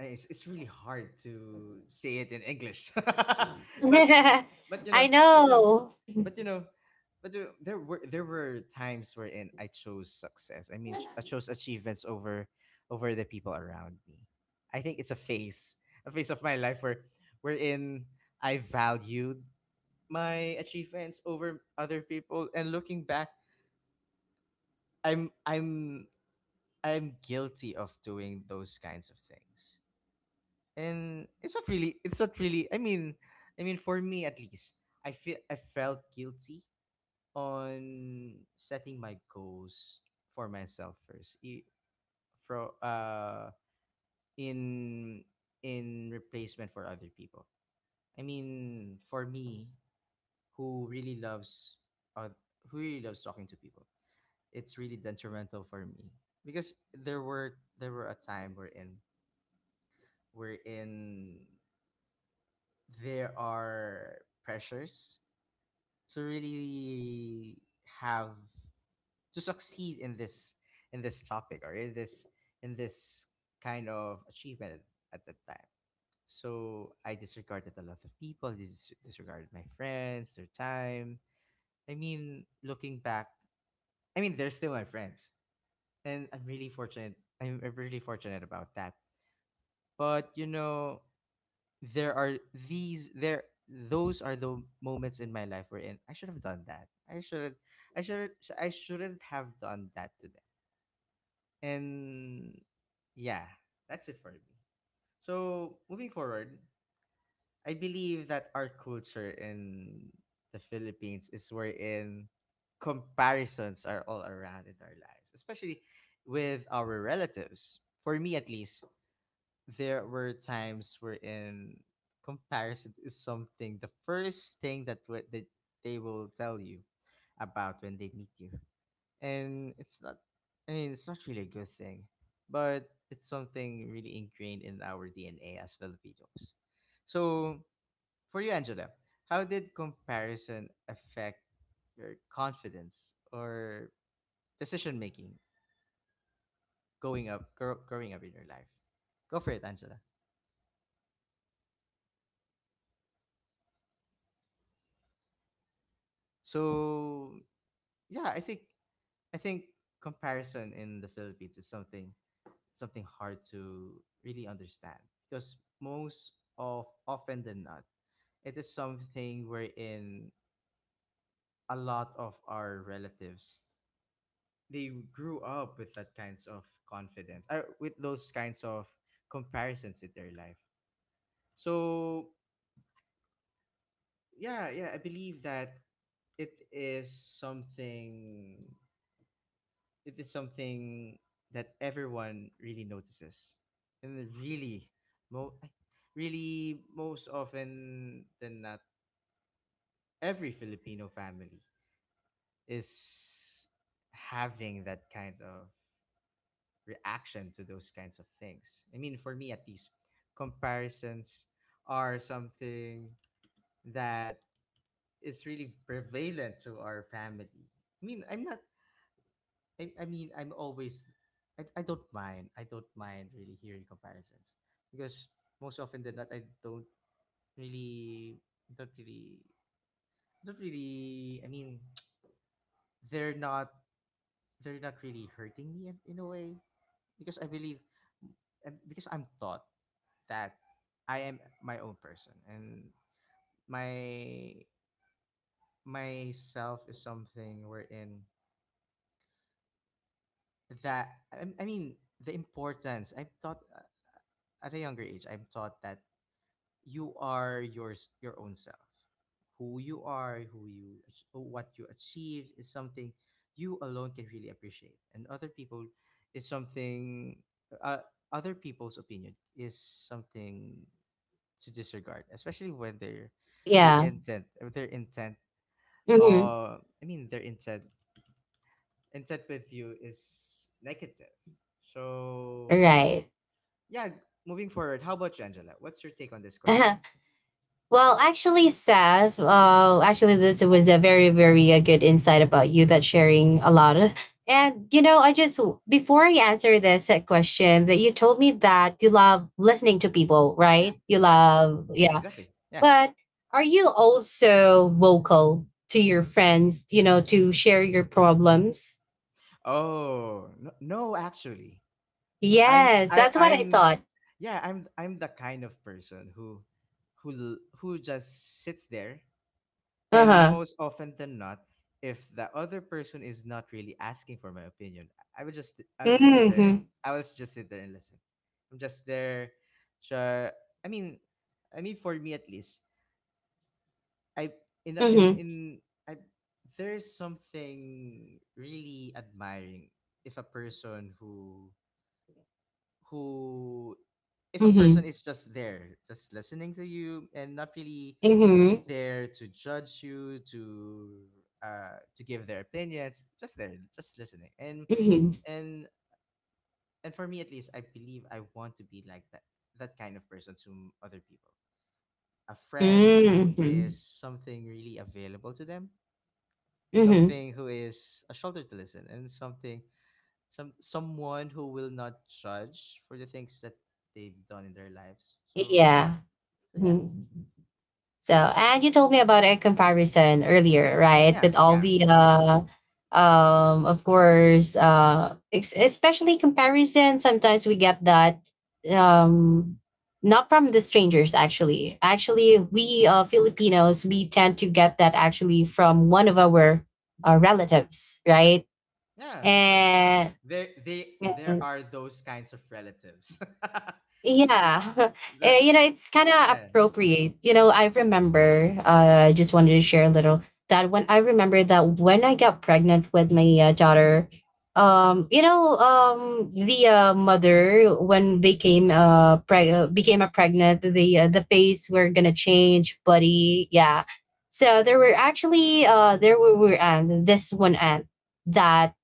Speaker 1: I- it's really hard to say it in English, [LAUGHS]
Speaker 2: [LAUGHS]
Speaker 1: but but you
Speaker 2: I
Speaker 1: know, but you know,
Speaker 2: know.
Speaker 1: but you know, but there there were times wherein I chose success. I mean, I chose achievements over over the people around me. I think it's a phase of my life wherein I valued my achievements over other people. And looking back, I'm I'm I'm guilty of doing those kinds of things. And it's not really, I mean, I mean for me at least, I felt guilty on
Speaker 2: Mm-hmm.
Speaker 1: setting my goals for myself first, I- fro in in replacement for other people. I mean, for me who really loves uh, who really loves talking to people, it's really detrimental for me because there were a time wherein
Speaker 2: Mm-hmm.
Speaker 1: wherein there are pressures to really have to succeed in this, in this topic, or
Speaker 2: All
Speaker 1: in
Speaker 2: right.
Speaker 1: this kind of achievement
Speaker 2: Yeah. And
Speaker 1: at that
Speaker 2: so
Speaker 1: time.
Speaker 2: you know, I
Speaker 1: So
Speaker 2: just
Speaker 1: I
Speaker 2: want to,
Speaker 1: disregarded
Speaker 2: all
Speaker 1: a lot of
Speaker 2: right.
Speaker 1: people,
Speaker 2: [LAUGHS] Yeah, go ahead.
Speaker 1: disregarded my
Speaker 2: So I'm so
Speaker 1: friends, their
Speaker 2: sorry to cut you
Speaker 1: time.
Speaker 2: off.
Speaker 1: I mean, looking back, I mean, they're still my friends, and I'm really fortunate. I'm really fortunate about that. But you know, there are these there those are the
Speaker 2: Mm-hmm.
Speaker 1: moments in my life wherein I should have done that. I shouldn't I shouldn't have done that to them. And yeah, that's it for me. So moving forward, I believe
Speaker 2: Mm-hmm.
Speaker 1: that our culture in the Philippines is
Speaker 2: Yeah.
Speaker 1: wherein comparisons are all around in our lives, especially
Speaker 2: Yeah.
Speaker 1: with our relatives. For me at
Speaker 2: Yeah.
Speaker 1: least,
Speaker 2: Mm-hmm.
Speaker 1: there were times wherein comparison is something the first thing that that they will tell you about when they meet you. And it's not, I mean, it's not really a good thing, but it's something
Speaker 2: Mm-hmm.
Speaker 1: really ingrained in our DNA as Filipinos. So for you,
Speaker 2: Right.
Speaker 1: Angela, how did comparison affect your confidence or decision making
Speaker 2: Wow. But
Speaker 1: growing up
Speaker 2: you
Speaker 1: in your life?
Speaker 2: know,
Speaker 1: Go for it,
Speaker 2: yeah.
Speaker 1: Angela.
Speaker 2: But you know, Saf, well, before I answer that question, you told me earlier that you love, you know,
Speaker 1: So
Speaker 2: listening to
Speaker 1: yeah i think
Speaker 2: people,
Speaker 1: I
Speaker 2: right?
Speaker 1: think comparison in the Philippines is something something hard to really understand, because most of often than not, it is something wherein a lot of our relatives, they grew up with that kinds of confidence or with those kinds of comparisons in their life. So yeah I believe that it is something it is something that everyone really notices and really
Speaker 2: Mm-hmm.
Speaker 1: mo-
Speaker 2: Mm-hmm.
Speaker 1: ay, really most often than not, every Filipino family
Speaker 2: Right.
Speaker 1: is having that kind of reaction to those kinds of things. I mean, for me at least,
Speaker 2: Mm-hmm.
Speaker 1: comparisons are something that is really prevalent to our family. I mean, I'm always, I don't mind. I don't mind really hearing comparisons, because most often than not, I don't really, don't really, don't really. I mean, [TSK] they're not, they're not really hurting me in a way, because I believe, and because I'm
Speaker 2: Yeah.
Speaker 1: taught that I am my own person, and my myself is something wherein that I mean the importance I'm taught at a younger age, I'm taught that you are yours,
Speaker 2: Mm-hmm.
Speaker 1: your own self. Who you are, what you achieved is something you alone can really appreciate, and other people is something. Other people's opinion is something to disregard, especially when their
Speaker 2: Yeah.
Speaker 1: intent, their intent.
Speaker 2: Mm-hmm.
Speaker 1: I mean, their intent intent with you is negative. So
Speaker 2: Right.
Speaker 1: yeah, moving forward, how about you, Angela? What's your take on this question?
Speaker 2: [LAUGHS] Well, actually, Seth, actually, this was a very, very good insight about you, that sharing a lot. Of, and, you know, before I answer this question, that you told me that you love listening to people,
Speaker 1: Yeah,
Speaker 2: right? You
Speaker 1: yeah,
Speaker 2: love, yeah.
Speaker 1: exactly. Yeah.
Speaker 2: But are you also vocal to your friends, you know, to share your problems?
Speaker 1: Oh, no, no actually. I'm
Speaker 2: Yes,
Speaker 1: I
Speaker 2: that's what I
Speaker 1: I'm
Speaker 2: thought.
Speaker 1: Yeah, I'm the kind of person who who just sits there,
Speaker 2: Uh
Speaker 1: and
Speaker 2: huh.
Speaker 1: most often than not, if the other person is not really asking for my opinion, I would just sit
Speaker 2: Mm hmm.
Speaker 1: there. I would just sit there and listen. I'm just there. So I mean, I mean for me at least, I in a-
Speaker 2: Mm
Speaker 1: in in
Speaker 2: hmm.
Speaker 1: I there is something really admiring if a person who if a
Speaker 2: Mm hmm.
Speaker 1: person is just there, just listening to you, and not really
Speaker 2: Mm hmm.
Speaker 1: there to judge you, to give their opinions, just there, just listening.
Speaker 2: Mm
Speaker 1: And and for me at least, I believe I want to be like that, that kind of person to other people, a friend who
Speaker 2: hmm.
Speaker 1: is something really available to them,
Speaker 2: Mm hmm.
Speaker 1: something who is a shoulder to listen and something, someone who will not judge for the things that they've done in their lives, so yeah.
Speaker 2: Yeah.
Speaker 1: So yeah.
Speaker 2: Mhm. So, and you told me about a comparison earlier, right?
Speaker 1: Yeah.
Speaker 2: With all
Speaker 1: Yeah.
Speaker 2: the, of course, especially comparison. Sometimes we get that, um, not from the strangers. Actually, we Filipinos, we tend to get that actually from one of our relatives, right?
Speaker 1: Yeah, true.
Speaker 2: And
Speaker 1: There, they there are those kinds of relatives. [LAUGHS] Th-
Speaker 2: yeah. [LAUGHS] Eh,
Speaker 1: that,
Speaker 2: you know, it's kind of
Speaker 1: yeah.
Speaker 2: appropriate. You know, I remember, I just wanted to share a little that when I remember that when I got pregnant with my daughter, the mother, when they came, became a pregnant, the face were going to change, buddy. Yeah. So there were actually, there were this one aunt that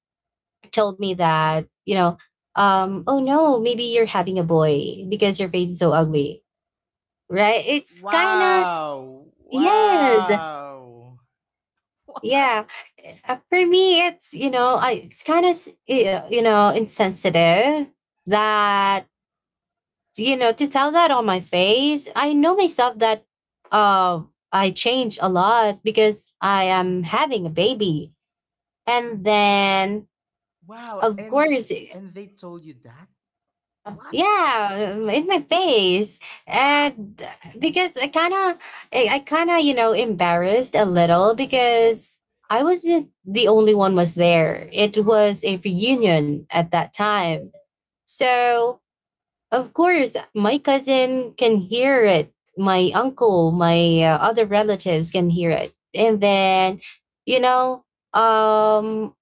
Speaker 2: told me that, you know, oh no, maybe you're having a boy because your face is so ugly, right? It's kind of,
Speaker 1: Wow,
Speaker 2: yes,
Speaker 1: wow. [LAUGHS] What?
Speaker 2: yeah. For me, it's, you know, it's kind of, you know, insensitive that, you know, to tell that on my face. I know myself that uh, I changed a lot because I am having a baby. And then,
Speaker 1: Wow.
Speaker 2: of
Speaker 1: and
Speaker 2: course,
Speaker 1: and they told you that? What?
Speaker 2: yeah, in my face.
Speaker 1: What?
Speaker 2: And because I kind of, you know, embarrassed a little because I wasn't the only one was there, it was a reunion at that time. So of course my cousin can hear it, my uncle, my other relatives can hear it. And then, you know, um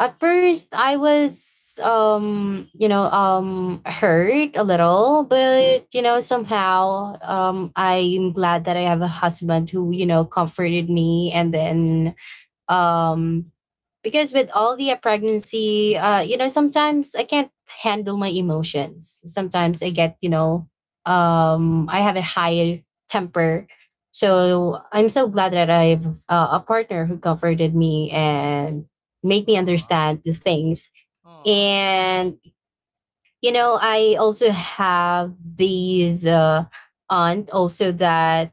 Speaker 2: at first, you know, hurt a little. But you know, somehow, I'm glad that I have a husband who, you know, comforted me. And then, um, because with all the pregnancy, you know, sometimes I can't handle my emotions, sometimes I get, you know, I have a higher temper. So I'm so glad that I've a partner who comforted me and make me
Speaker 1: Aw,
Speaker 2: understand the things.
Speaker 1: aw.
Speaker 2: And you know, I also have these aunt also that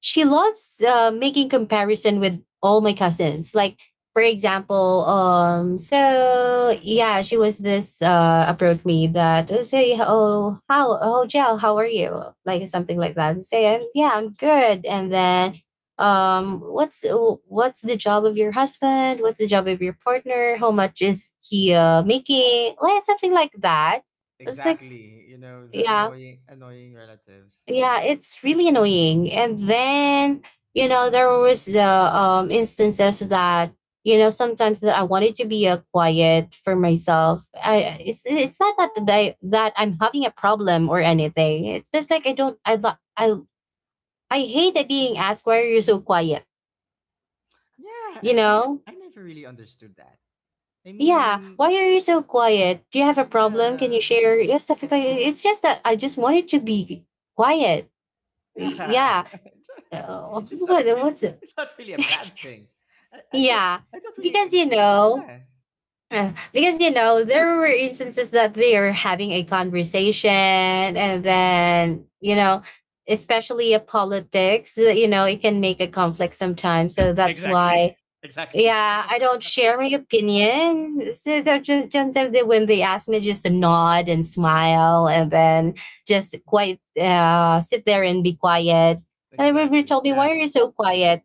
Speaker 2: she loves making comparison with all my cousins. Like, for example, so yeah, she was this approached me that, oh say, oh how, oh Jel, how are you? Like something like that. And say I'm good. And then um what's what's the job of your husband? What's the job of your partner? How much is he making? Like something like that. It's like,
Speaker 1: Exactly, you know, the
Speaker 2: yeah,
Speaker 1: annoying relatives.
Speaker 2: yeah, it's really annoying. And then, there was the instances that, sometimes that I wanted to be a quiet for myself. I it's not that I'm having a problem or anything. It's just like I don't I lo- I hate that being asked, "Why are you so quiet?"
Speaker 1: Yeah,
Speaker 2: You
Speaker 1: I
Speaker 2: know?
Speaker 1: I never really understood that. I
Speaker 2: Yeah,
Speaker 1: mean,
Speaker 2: why are you so quiet? Do you have a problem? Can you
Speaker 1: yeah.
Speaker 2: share? Yeah, something like that. It's just that I just wanted to be quiet.
Speaker 1: Yeah.
Speaker 2: Yeah.
Speaker 1: [LAUGHS] it's not
Speaker 2: What,
Speaker 1: really
Speaker 2: what's it?
Speaker 1: it's not really a
Speaker 2: [LAUGHS]
Speaker 1: bad thing. I, I don't
Speaker 2: Yeah,
Speaker 1: I don't really.
Speaker 2: because you know,
Speaker 1: Yeah.
Speaker 2: there were instances that they are having a conversation, and then especially a politics, it can make a conflict sometimes. So that's
Speaker 1: Exactly.
Speaker 2: why,
Speaker 1: [LAUGHS] Exactly.
Speaker 2: yeah, I don't share my opinion. So they're just sometimes they, when they ask me, just to nod and smile, and then just quite sit there and be quiet. And they will
Speaker 1: Exactly.
Speaker 2: told me,
Speaker 1: Yeah.
Speaker 2: "Why are you so quiet?"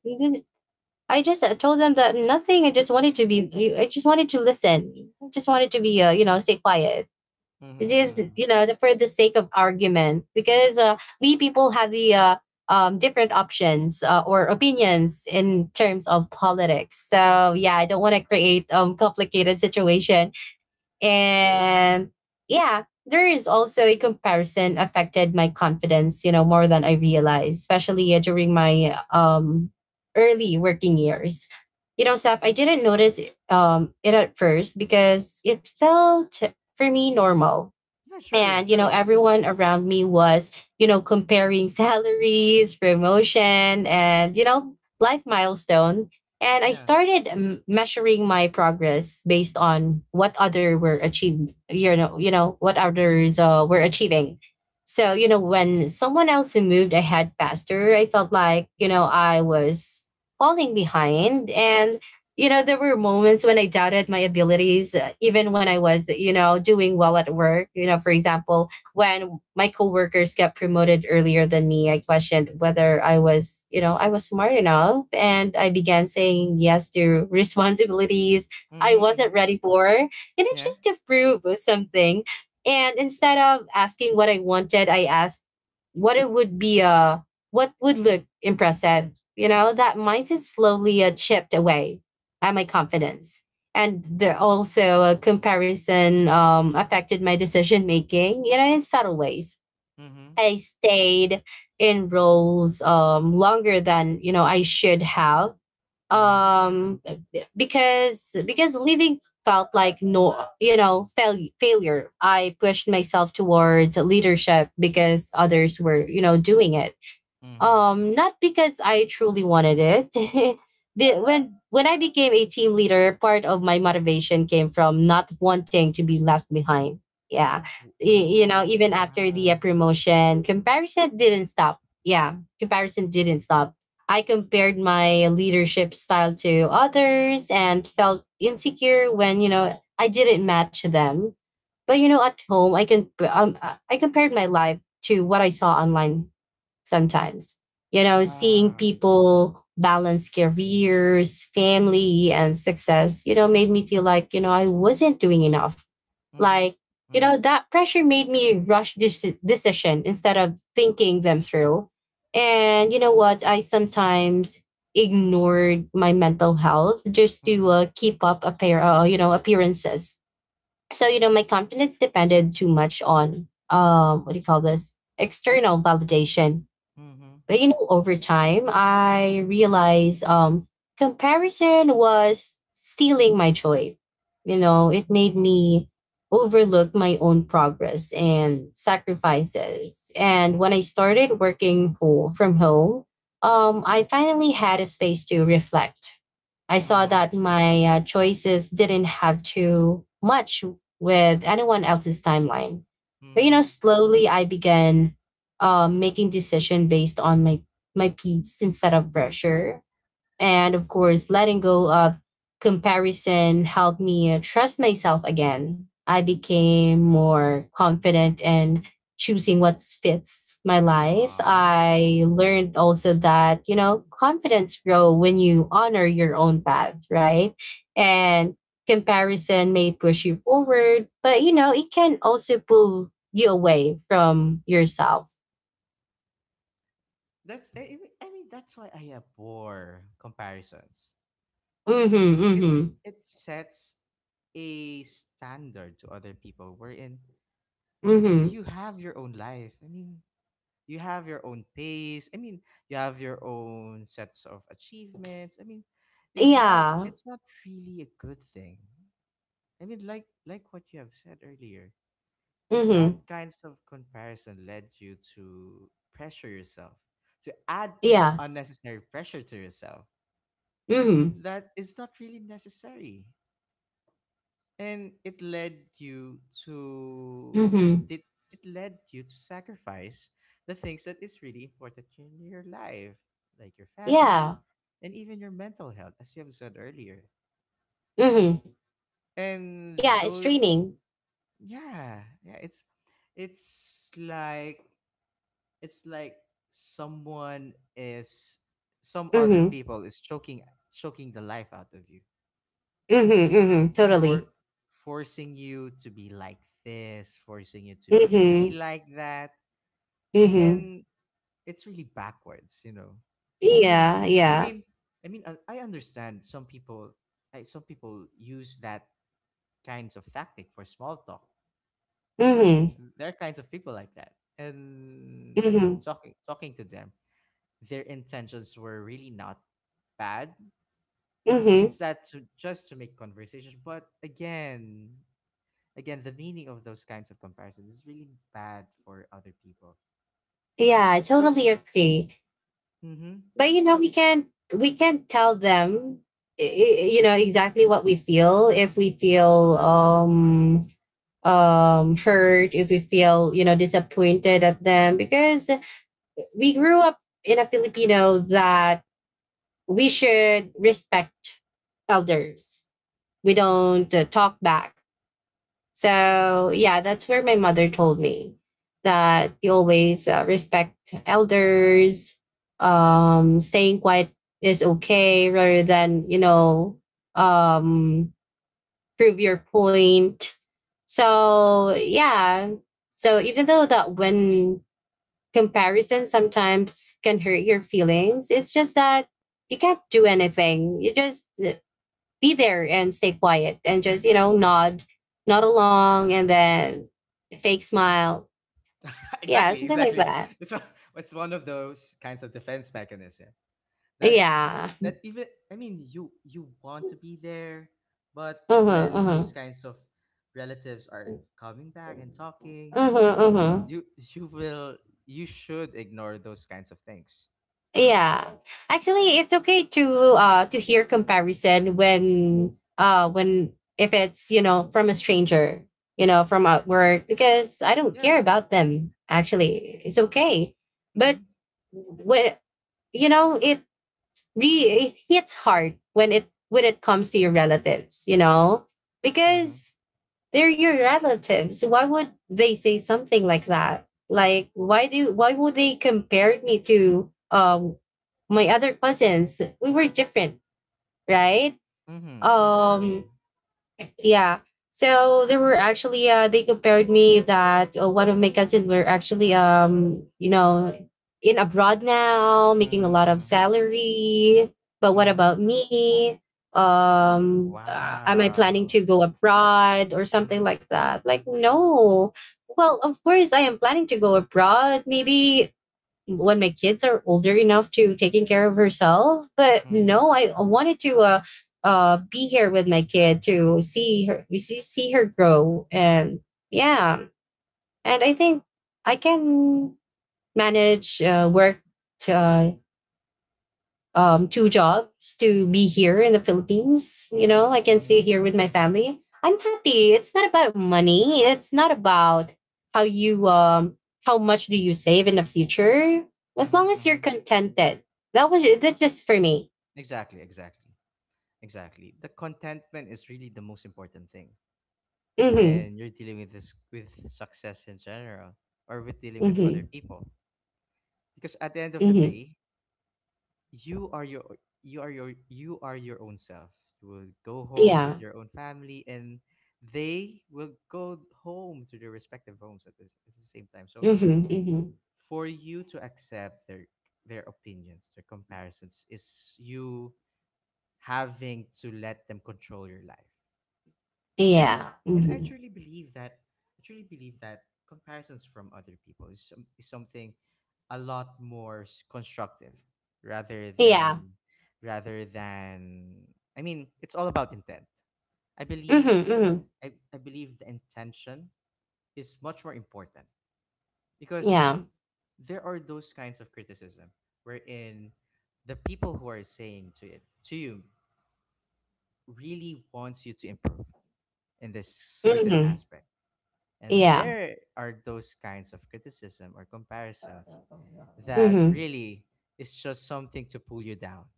Speaker 2: I just told them that nothing. I just wanted to be. I just wanted to listen. I just wanted to be. Stay quiet. It
Speaker 1: Mhm.
Speaker 2: is
Speaker 1: Mhm.
Speaker 2: for the sake of argument because we people have the different options or opinions in terms of politics. So yeah, I don't want to create complicated situation. And yeah, there is also a comparison affected my confidence, more than I realized, especially during my early working years. Seth, I didn't notice it at first because it felt for me normal,
Speaker 1: Yeah, true,
Speaker 2: and
Speaker 1: true.
Speaker 2: everyone around me was comparing [LAUGHS] salaries, promotion, and life milestone. And I
Speaker 1: Yeah.
Speaker 2: started measuring my progress based on what other were achieved, what others were achieving. So when someone else who moved ahead faster, I felt like I was falling behind. And there were moments when I doubted my abilities, even when I was, doing well at work. For example, when my coworkers got promoted earlier than me, I questioned whether I was smart enough. And I began saying yes to [LAUGHS] responsibilities I
Speaker 1: Mhm.
Speaker 2: wasn't
Speaker 1: Mhm.
Speaker 2: ready for. And it
Speaker 1: Yeah.
Speaker 2: just to prove something. And instead of asking what I wanted, I asked what it would be, uh, what would look impressive. That mindset slowly chipped away and my confidence. And there also a comparison affected my decision making, in subtle ways.
Speaker 1: Mhm.
Speaker 2: I stayed in roles longer than I should have.
Speaker 1: Mhm.
Speaker 2: um, because leaving felt like, no, failure. I pushed myself towards leadership because others were doing it,
Speaker 1: Mhm.
Speaker 2: not because I truly wanted it. [LAUGHS] When I became a team leader, part of my motivation came from not wanting to be left behind. Yeah.
Speaker 1: Oh,
Speaker 2: Even after the
Speaker 1: wow.
Speaker 2: promotion, comparison didn't stop. Yeah, comparison didn't stop. I compared my leadership style to others and felt insecure when I didn't match them. But at home, I can i compared my life to what I saw online sometimes. Seeing
Speaker 1: Wow.
Speaker 2: people balance careers, family, and success, made me feel like, I wasn't doing enough.
Speaker 1: Mhm.
Speaker 2: Like,
Speaker 1: Mhm.
Speaker 2: that pressure made me rush this decision instead of thinking them through. And you know what? I sometimes ignored my mental health just to
Speaker 1: Mhm,
Speaker 2: keep up a pair, you know, appearances. So, my confidence depended too much on, what do you call this? External validation.
Speaker 1: mhm,
Speaker 2: But over time, I realized, comparison was stealing my joy. It made
Speaker 1: mhm.
Speaker 2: me overlook my own progress and sacrifices. And when I started working from home, I finally had a space to reflect. I saw
Speaker 1: Aw,
Speaker 2: that my choices didn't have too much with anyone else's timeline. But
Speaker 1: mhm.
Speaker 2: slowly I began making decision based on my peace instead of pressure. And of course letting go of comparison helped me trust myself again. I became more confident and choosing what fits my life.
Speaker 1: Aw.
Speaker 2: I learned also that confidence grow when you honor your own path, right? And comparison may push you forward, but it can also pull you away from yourself.
Speaker 1: That's, that's why I abhor comparisons, because
Speaker 2: Mhm, mhm,
Speaker 1: it's it sets a standard to other people, wherein
Speaker 2: mhm.
Speaker 1: you have your own life. I mean, you have your own pace. I mean, you have your own sets of achievements. I mean,
Speaker 2: Yeah.
Speaker 1: it's not really a good thing. I mean, like what you have said earlier, that
Speaker 2: Mhm.
Speaker 1: kinds of comparison led you to pressure yourself to add
Speaker 2: Yeah.
Speaker 1: unnecessary pressure to yourself
Speaker 2: Mhm.
Speaker 1: that is not really necessary, and it led you to
Speaker 2: Mhm.
Speaker 1: it, it led you to sacrifice the things that is really important in your life, like your
Speaker 2: Yeah.
Speaker 1: family and even your mental health, as you have said earlier.
Speaker 2: Mhm.
Speaker 1: And
Speaker 2: Yeah, it's
Speaker 1: though,
Speaker 2: draining.
Speaker 1: yeah, yeah, it's like, it's like someone is, some other
Speaker 2: Mhm.
Speaker 1: people is choking, choking the life out of you,
Speaker 2: Mhm. Mhm.
Speaker 1: for,
Speaker 2: Totally.
Speaker 1: forcing you to be like this, forcing you to be
Speaker 2: Mhm.
Speaker 1: like that.
Speaker 2: Mhm.
Speaker 1: And it's really backwards, you know. i mean
Speaker 2: Yeah,
Speaker 1: i
Speaker 2: yeah.
Speaker 1: mean i mean i I understand some people, some people use that kinds of tactic for small talk.
Speaker 2: Mhm.
Speaker 1: There are kinds of people like that. And
Speaker 2: Mhm.
Speaker 1: talking to them, their intentions were really not bad.
Speaker 2: Mhm.
Speaker 1: It's that to just to make conversation. But again, again, the meaning of those kinds of comparisons is really bad for other people.
Speaker 2: Yeah, I
Speaker 1: So,
Speaker 2: totally agree.
Speaker 1: mm-hmm.
Speaker 2: But
Speaker 1: So,
Speaker 2: we can't tell them exactly what we feel, if we feel hurt, if we feel disappointed at them, because we grew up in a Filipino that we should respect elders. We don't talk back. So, yeah, that's where my mother told me that you always respect elders. Staying quiet is okay rather than, um, prove your point. So, yeah. So, even though that when comparison sometimes can hurt your feelings. It's just that you can't do anything. You just be there and stay quiet and just, nod along and then fake smile.
Speaker 1: [LAUGHS]
Speaker 2: Yeah,
Speaker 1: exactly,
Speaker 2: something like
Speaker 1: exactly.
Speaker 2: that.
Speaker 1: It's one of those kinds of defense mechanism that,
Speaker 2: Yeah.
Speaker 1: that even, I mean, you want to be there, but
Speaker 2: Uh-huh,
Speaker 1: when those
Speaker 2: uh-huh.
Speaker 1: kinds of relatives are coming back and talking,
Speaker 2: Uh-huh, uh-huh.
Speaker 1: you will, you should ignore those kinds of things.
Speaker 2: Yeah.
Speaker 1: Yeah.
Speaker 2: Actually, it's okay to hear comparison when if it's, from a stranger, from at work, because I don't
Speaker 1: yeah
Speaker 2: care
Speaker 1: m-
Speaker 2: about them.
Speaker 1: yeah.
Speaker 2: Actually, it's okay. But
Speaker 1: Mm-hmm.
Speaker 2: when it re it hits hard when it comes to your relatives, you know?
Speaker 1: Mm-hmm.
Speaker 2: Because they're your relatives. Why would they say something like that? Like why would they compare me to my other cousins? We were different, right?
Speaker 1: Mm-hmm, exactly.
Speaker 2: Um, yeah. So there were actually, they compared me that, one of my cousins were actually, in abroad now making a
Speaker 1: Mm-hmm.
Speaker 2: lot of
Speaker 1: Mm-hmm.
Speaker 2: salary, but what
Speaker 1: Mm-hmm.
Speaker 2: about me? Am I planning
Speaker 1: Wow.
Speaker 2: to go abroad or something
Speaker 1: Mm-hmm.
Speaker 2: like that? Like,
Speaker 1: Mm-hmm.
Speaker 2: no. Well, of course I am planning to go abroad. Maybe when my kids are older enough to taking care of herself. But
Speaker 1: Mm-hmm.
Speaker 2: no,
Speaker 1: Mm-hmm.
Speaker 2: I wanted to be here with my kid to see her, see her grow, and yeah, and I think I can manage work to, two jobs to be here in the Philippines.
Speaker 1: Mm-hmm.
Speaker 2: I can
Speaker 1: Mm-hmm.
Speaker 2: stay here with my family. I'm happy. It's not about money. It's not about how you um how much do you save in the future. As
Speaker 1: Mm-hmm.
Speaker 2: long as you're
Speaker 1: Mm-hmm.
Speaker 2: contented, that's just for me.
Speaker 1: Exactly, exactly. Exactly, the contentment is really the most important thing
Speaker 2: Mm-hmm.
Speaker 1: when you're dealing with this, with success in general, or with dealing with other
Speaker 2: Mm-hmm.
Speaker 1: people. Because at the end of the
Speaker 2: Mm-hmm.
Speaker 1: day, you are your you are you are your own self. You will go home with
Speaker 2: Yeah.
Speaker 1: your own family, and they will go home to their respective homes at, this, at the same time. So
Speaker 2: Mm-hmm. Mm-hmm.
Speaker 1: for you to accept their opinions, their comparisons, is you having to let them control your life. and
Speaker 2: Yeah.
Speaker 1: and I
Speaker 2: Mm-hmm.
Speaker 1: truly believe that, I truly believe that comparisons from other people is, some, is something a lot more constructive rather
Speaker 2: Yeah.
Speaker 1: than, rather than, I mean, it's all about intent. I believe,
Speaker 2: Mm-hmm. Mm-hmm.
Speaker 1: I believe the intention is much more important, because
Speaker 2: Yeah.
Speaker 1: there are those kinds of criticism wherein the people who are saying to it to you really wants you to improve in this certain
Speaker 2: Mm-hmm.
Speaker 1: aspect. And
Speaker 2: Yeah.
Speaker 1: there are those kinds of criticism or comparisons that
Speaker 2: Mm-hmm.
Speaker 1: really is just something to pull you down,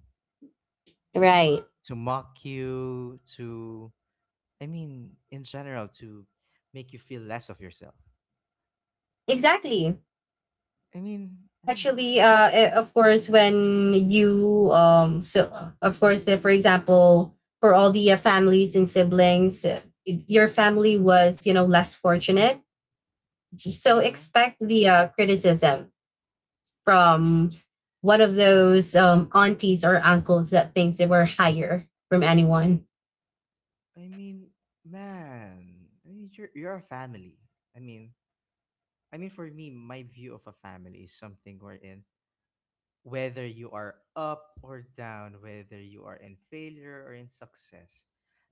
Speaker 2: Right.
Speaker 1: to mock you, to, I mean, in general, to make you feel less of yourself.
Speaker 2: Exactly.
Speaker 1: I mean,
Speaker 2: Actually, of course, when you so of course, that for example, for all the families and siblings, your family was, less fortunate. Just so
Speaker 1: mm-hmm.
Speaker 2: expect the criticism from one of those aunties or uncles that thinks they were higher from anyone.
Speaker 1: I mean, man, I mean, you're a family. I mean, I mean, for me, my view of a family is something wherein whether you are up or down, whether you are in failure or in success,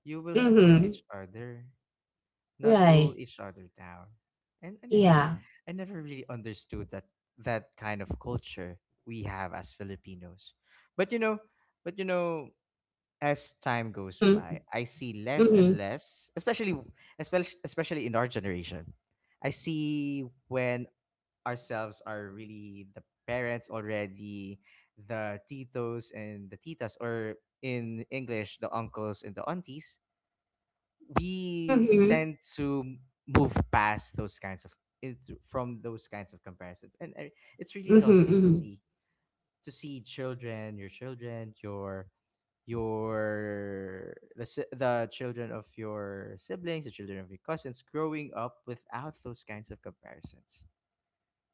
Speaker 1: you will support
Speaker 2: Mm-hmm.
Speaker 1: each other, not pull
Speaker 2: Right.
Speaker 1: each other down. And I never,
Speaker 2: Yeah.
Speaker 1: I never really understood that, that kind of culture we have as Filipinos. But you know, but you know, as time goes
Speaker 2: Mm-hmm.
Speaker 1: by, I see less
Speaker 2: Mm-hmm.
Speaker 1: and less, especially, especially in our generation. I see when ourselves are really the parents already, the titos and the titas, or in English, the uncles and the aunties, we
Speaker 2: Mm-hmm.
Speaker 1: tend to move past those kinds of into, from those kinds of comparisons. And it's really lovely to
Speaker 2: Mm-hmm.
Speaker 1: see, to see children, your children, your, the children of your siblings, the children of your cousins growing up without those kinds of comparisons,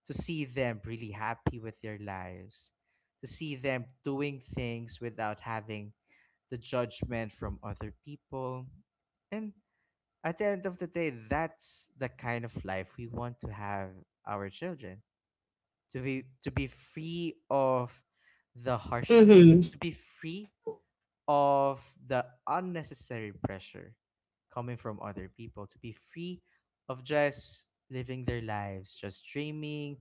Speaker 1: to see them really happy with their lives, to see them doing things without having the judgment from other people. And at the end of the day, that's the kind of life we want to have our children to be, to be free of the harsh,
Speaker 2: Mm-hmm. Mm-hmm.
Speaker 1: to be free of the unnecessary pressure coming from other people, to be free of just living their lives, just dreaming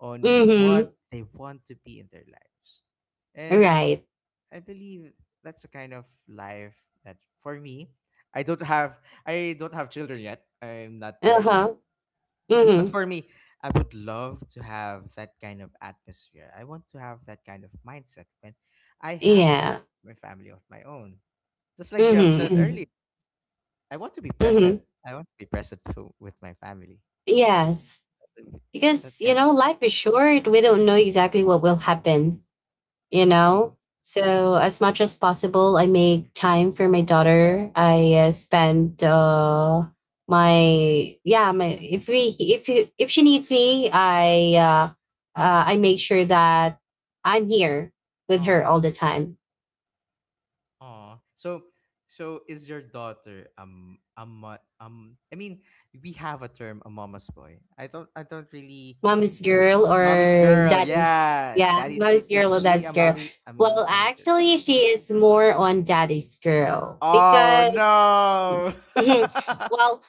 Speaker 1: on what
Speaker 2: Mm-hmm.
Speaker 1: they want to be in their lives. And
Speaker 2: Right.
Speaker 1: I believe that's the kind of life that, for me, I don't have I don't have children yet. I'm not
Speaker 2: Uh
Speaker 1: married yet.
Speaker 2: huh.
Speaker 1: But
Speaker 2: Mm-hmm.
Speaker 1: for me, I would love to have that kind of atmosphere. I want to have that kind of mindset when I have of
Speaker 2: Yeah.
Speaker 1: my family of my own. Just like you have said earlier,
Speaker 2: Mm-hmm.
Speaker 1: I want to be
Speaker 2: Mm-hmm.
Speaker 1: present.
Speaker 2: hmm
Speaker 1: I want to be present to, with my family.
Speaker 2: Yes. Because,
Speaker 1: That kind of
Speaker 2: life is short. We don't know exactly what will happen, you
Speaker 1: exactly.
Speaker 2: know?
Speaker 1: Yeah.
Speaker 2: So, as much as possible, I make time for my daughter. I spend my, yeah, my, if we, if you, if she needs me, I make sure that I'm here with her all
Speaker 1: Aw.
Speaker 2: the time.
Speaker 1: Aw. So, so is your daughter a I mean, we have a term, a mama's boy. I don't really
Speaker 2: Mommy's girl
Speaker 1: mommy's
Speaker 2: or
Speaker 1: girl.
Speaker 2: daddy's.
Speaker 1: Yeah.
Speaker 2: Yeah,
Speaker 1: That
Speaker 2: mommy's
Speaker 1: is
Speaker 2: girl or
Speaker 1: she
Speaker 2: daddy's
Speaker 1: a
Speaker 2: girl. Well,
Speaker 1: mommy's girl or
Speaker 2: actually
Speaker 1: daddy's girl?
Speaker 2: she is more on daddy's girl
Speaker 1: Oh
Speaker 2: because
Speaker 1: no.
Speaker 2: [LAUGHS] Mhm. Well,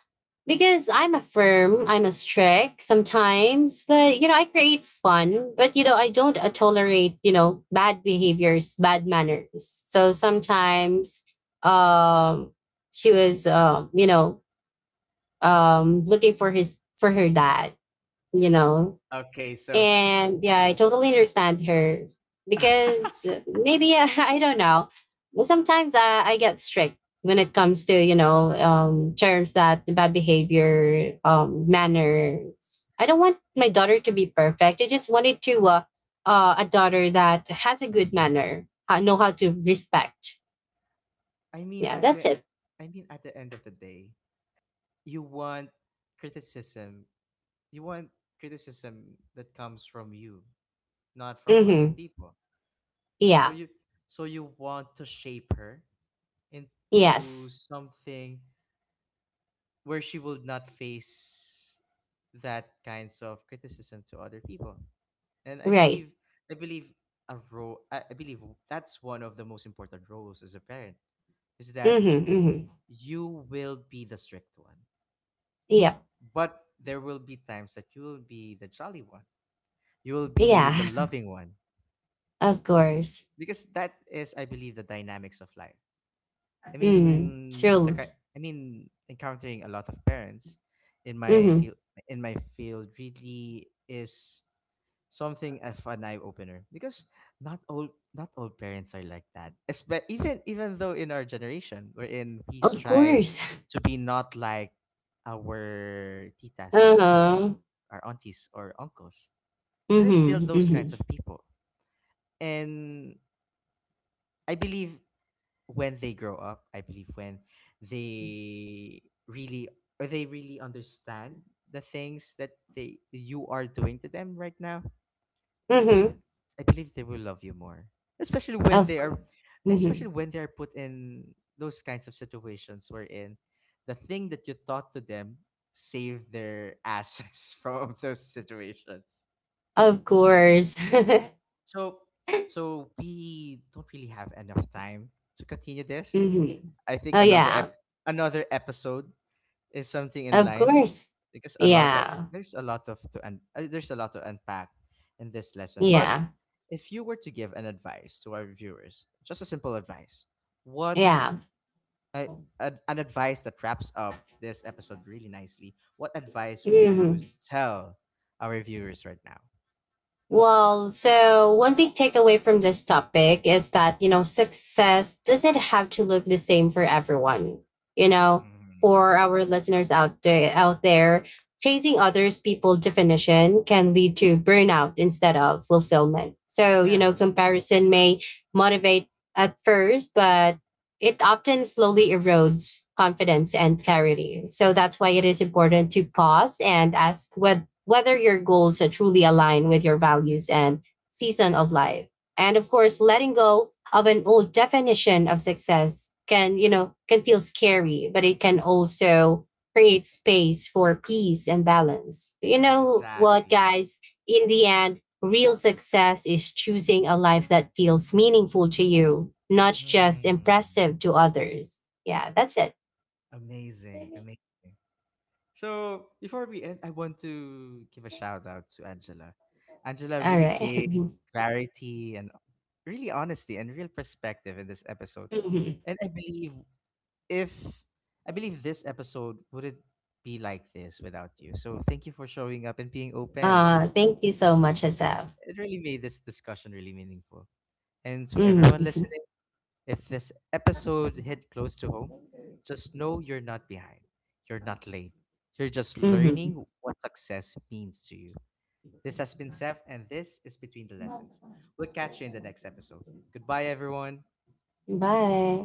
Speaker 2: because I'm a strict sometimes, but I create fun, but I don't tolerate bad behaviors, bad manners. So sometimes, um she was, looking for her dad, you know
Speaker 1: [LAUGHS] Okay, so
Speaker 2: and yeah, I totally understand her because,
Speaker 1: [LAUGHS]
Speaker 2: maybe, [LAUGHS] I don't know. Sometimes I get strict when it comes to, terms that bad behavior, manners. I don't want my daughter to be perfect. I just wanted to a daughter that has a good manner, know how to respect.
Speaker 1: I mean
Speaker 2: Yeah,
Speaker 1: at
Speaker 2: that's
Speaker 1: the,
Speaker 2: it.
Speaker 1: I mean at the end of the day, you want criticism, you want criticism that comes from you, not from other
Speaker 2: Mm-hmm.
Speaker 1: people. So
Speaker 2: Yeah.
Speaker 1: you, so you want to shape her into
Speaker 2: Yes.
Speaker 1: something where she will not face that kinds of criticism to other people. And i
Speaker 2: Right.
Speaker 1: believe I believe a role I believe that's one of the most important roles as a parent, is that
Speaker 2: Mm-hmm. Mm-hmm.
Speaker 1: you will be the strict one,
Speaker 2: Yep.
Speaker 1: but there will be times that you will be the jolly one, you will be the
Speaker 2: Yeah.
Speaker 1: loving one.
Speaker 2: [LAUGHS] Of course.
Speaker 1: Because that is, I believe, the dynamics of life. I
Speaker 2: Mm-hmm.
Speaker 1: mean the,
Speaker 2: True.
Speaker 1: I mean, encountering a lot of parents in my
Speaker 2: Mhm.
Speaker 1: field, in my field really is something of an eye opener, because not all parents are like that. Even even though in our generation wherein we
Speaker 2: Of
Speaker 1: strive
Speaker 2: course. [LAUGHS]
Speaker 1: to be not like our titas and titos,
Speaker 2: Uh-huh.
Speaker 1: our aunties or uncles, there are still
Speaker 2: Mhm.
Speaker 1: those
Speaker 2: Mhm.
Speaker 1: kinds of people. And I believe when they grow up, I believe when they really, or they really understand the things that they, you are doing to them right now, I believe,
Speaker 2: Mhm.
Speaker 1: I believe they will love you more. Especially when
Speaker 2: Of
Speaker 1: they are,
Speaker 2: c-
Speaker 1: especially
Speaker 2: mhm.
Speaker 1: when they are put in those kinds of situations wherein the thing that you taught to them save their asses [LAUGHS] from those situations.
Speaker 2: Of course. [LAUGHS]
Speaker 1: So, so we don't really have enough time to continue this.
Speaker 2: mhm.
Speaker 1: I think
Speaker 2: Oh
Speaker 1: another
Speaker 2: yeah.
Speaker 1: another episode is something in
Speaker 2: Of
Speaker 1: line,
Speaker 2: course.
Speaker 1: because a lot of
Speaker 2: Yeah.
Speaker 1: there's a lot of to un- there's a lot to unpack in this lesson. But
Speaker 2: Yeah.
Speaker 1: if you were to give an advice to our viewers, just a simple advice, what
Speaker 2: Yeah.
Speaker 1: uh, an advice that wraps up this episode really nicely, what advice would
Speaker 2: Mhm.
Speaker 1: you tell our viewers right now?
Speaker 2: Well, so one big takeaway from this topic is that, success doesn't have to look the same for everyone. You know,
Speaker 1: Mm.
Speaker 2: for our listeners out there, chasing others people definition can lead to burnout instead of fulfillment. So,
Speaker 1: Yeah,
Speaker 2: comparison may motivate at first, but it often slowly erodes confidence and clarity. So that's why it is important to pause and ask whether your goals are truly align with your values and season of life. And of course, letting go of an old definition of success can feel scary, but it can also create space for peace and balance. You know what,
Speaker 1: exactly.
Speaker 2: guys? In the end, real success is choosing a life that feels meaningful to you, not just
Speaker 1: Hmm.
Speaker 2: impressive to others. Yeah, that's it.
Speaker 1: Amazing, amazing. So before we end, I want to give a shout out to Angela. Angela
Speaker 2: All
Speaker 1: really
Speaker 2: right.
Speaker 1: gave
Speaker 2: [LAUGHS]
Speaker 1: clarity and really honesty and real perspective in this episode.
Speaker 2: Mhm.
Speaker 1: And I believe, if I believe this episode wouldn't be like this without you. So thank you for showing up and being open.
Speaker 2: Thank you so much, Asaf.
Speaker 1: It really made this discussion really meaningful. And to everyone
Speaker 2: Mhm.
Speaker 1: listening, if this episode hit close to home, just know you're not behind. You're not late. You're just
Speaker 2: Mhm.
Speaker 1: learning what success means to you. This has been Seth, and this is Between the Lessons. We'll catch you in the next episode. Goodbye, everyone.
Speaker 2: Bye.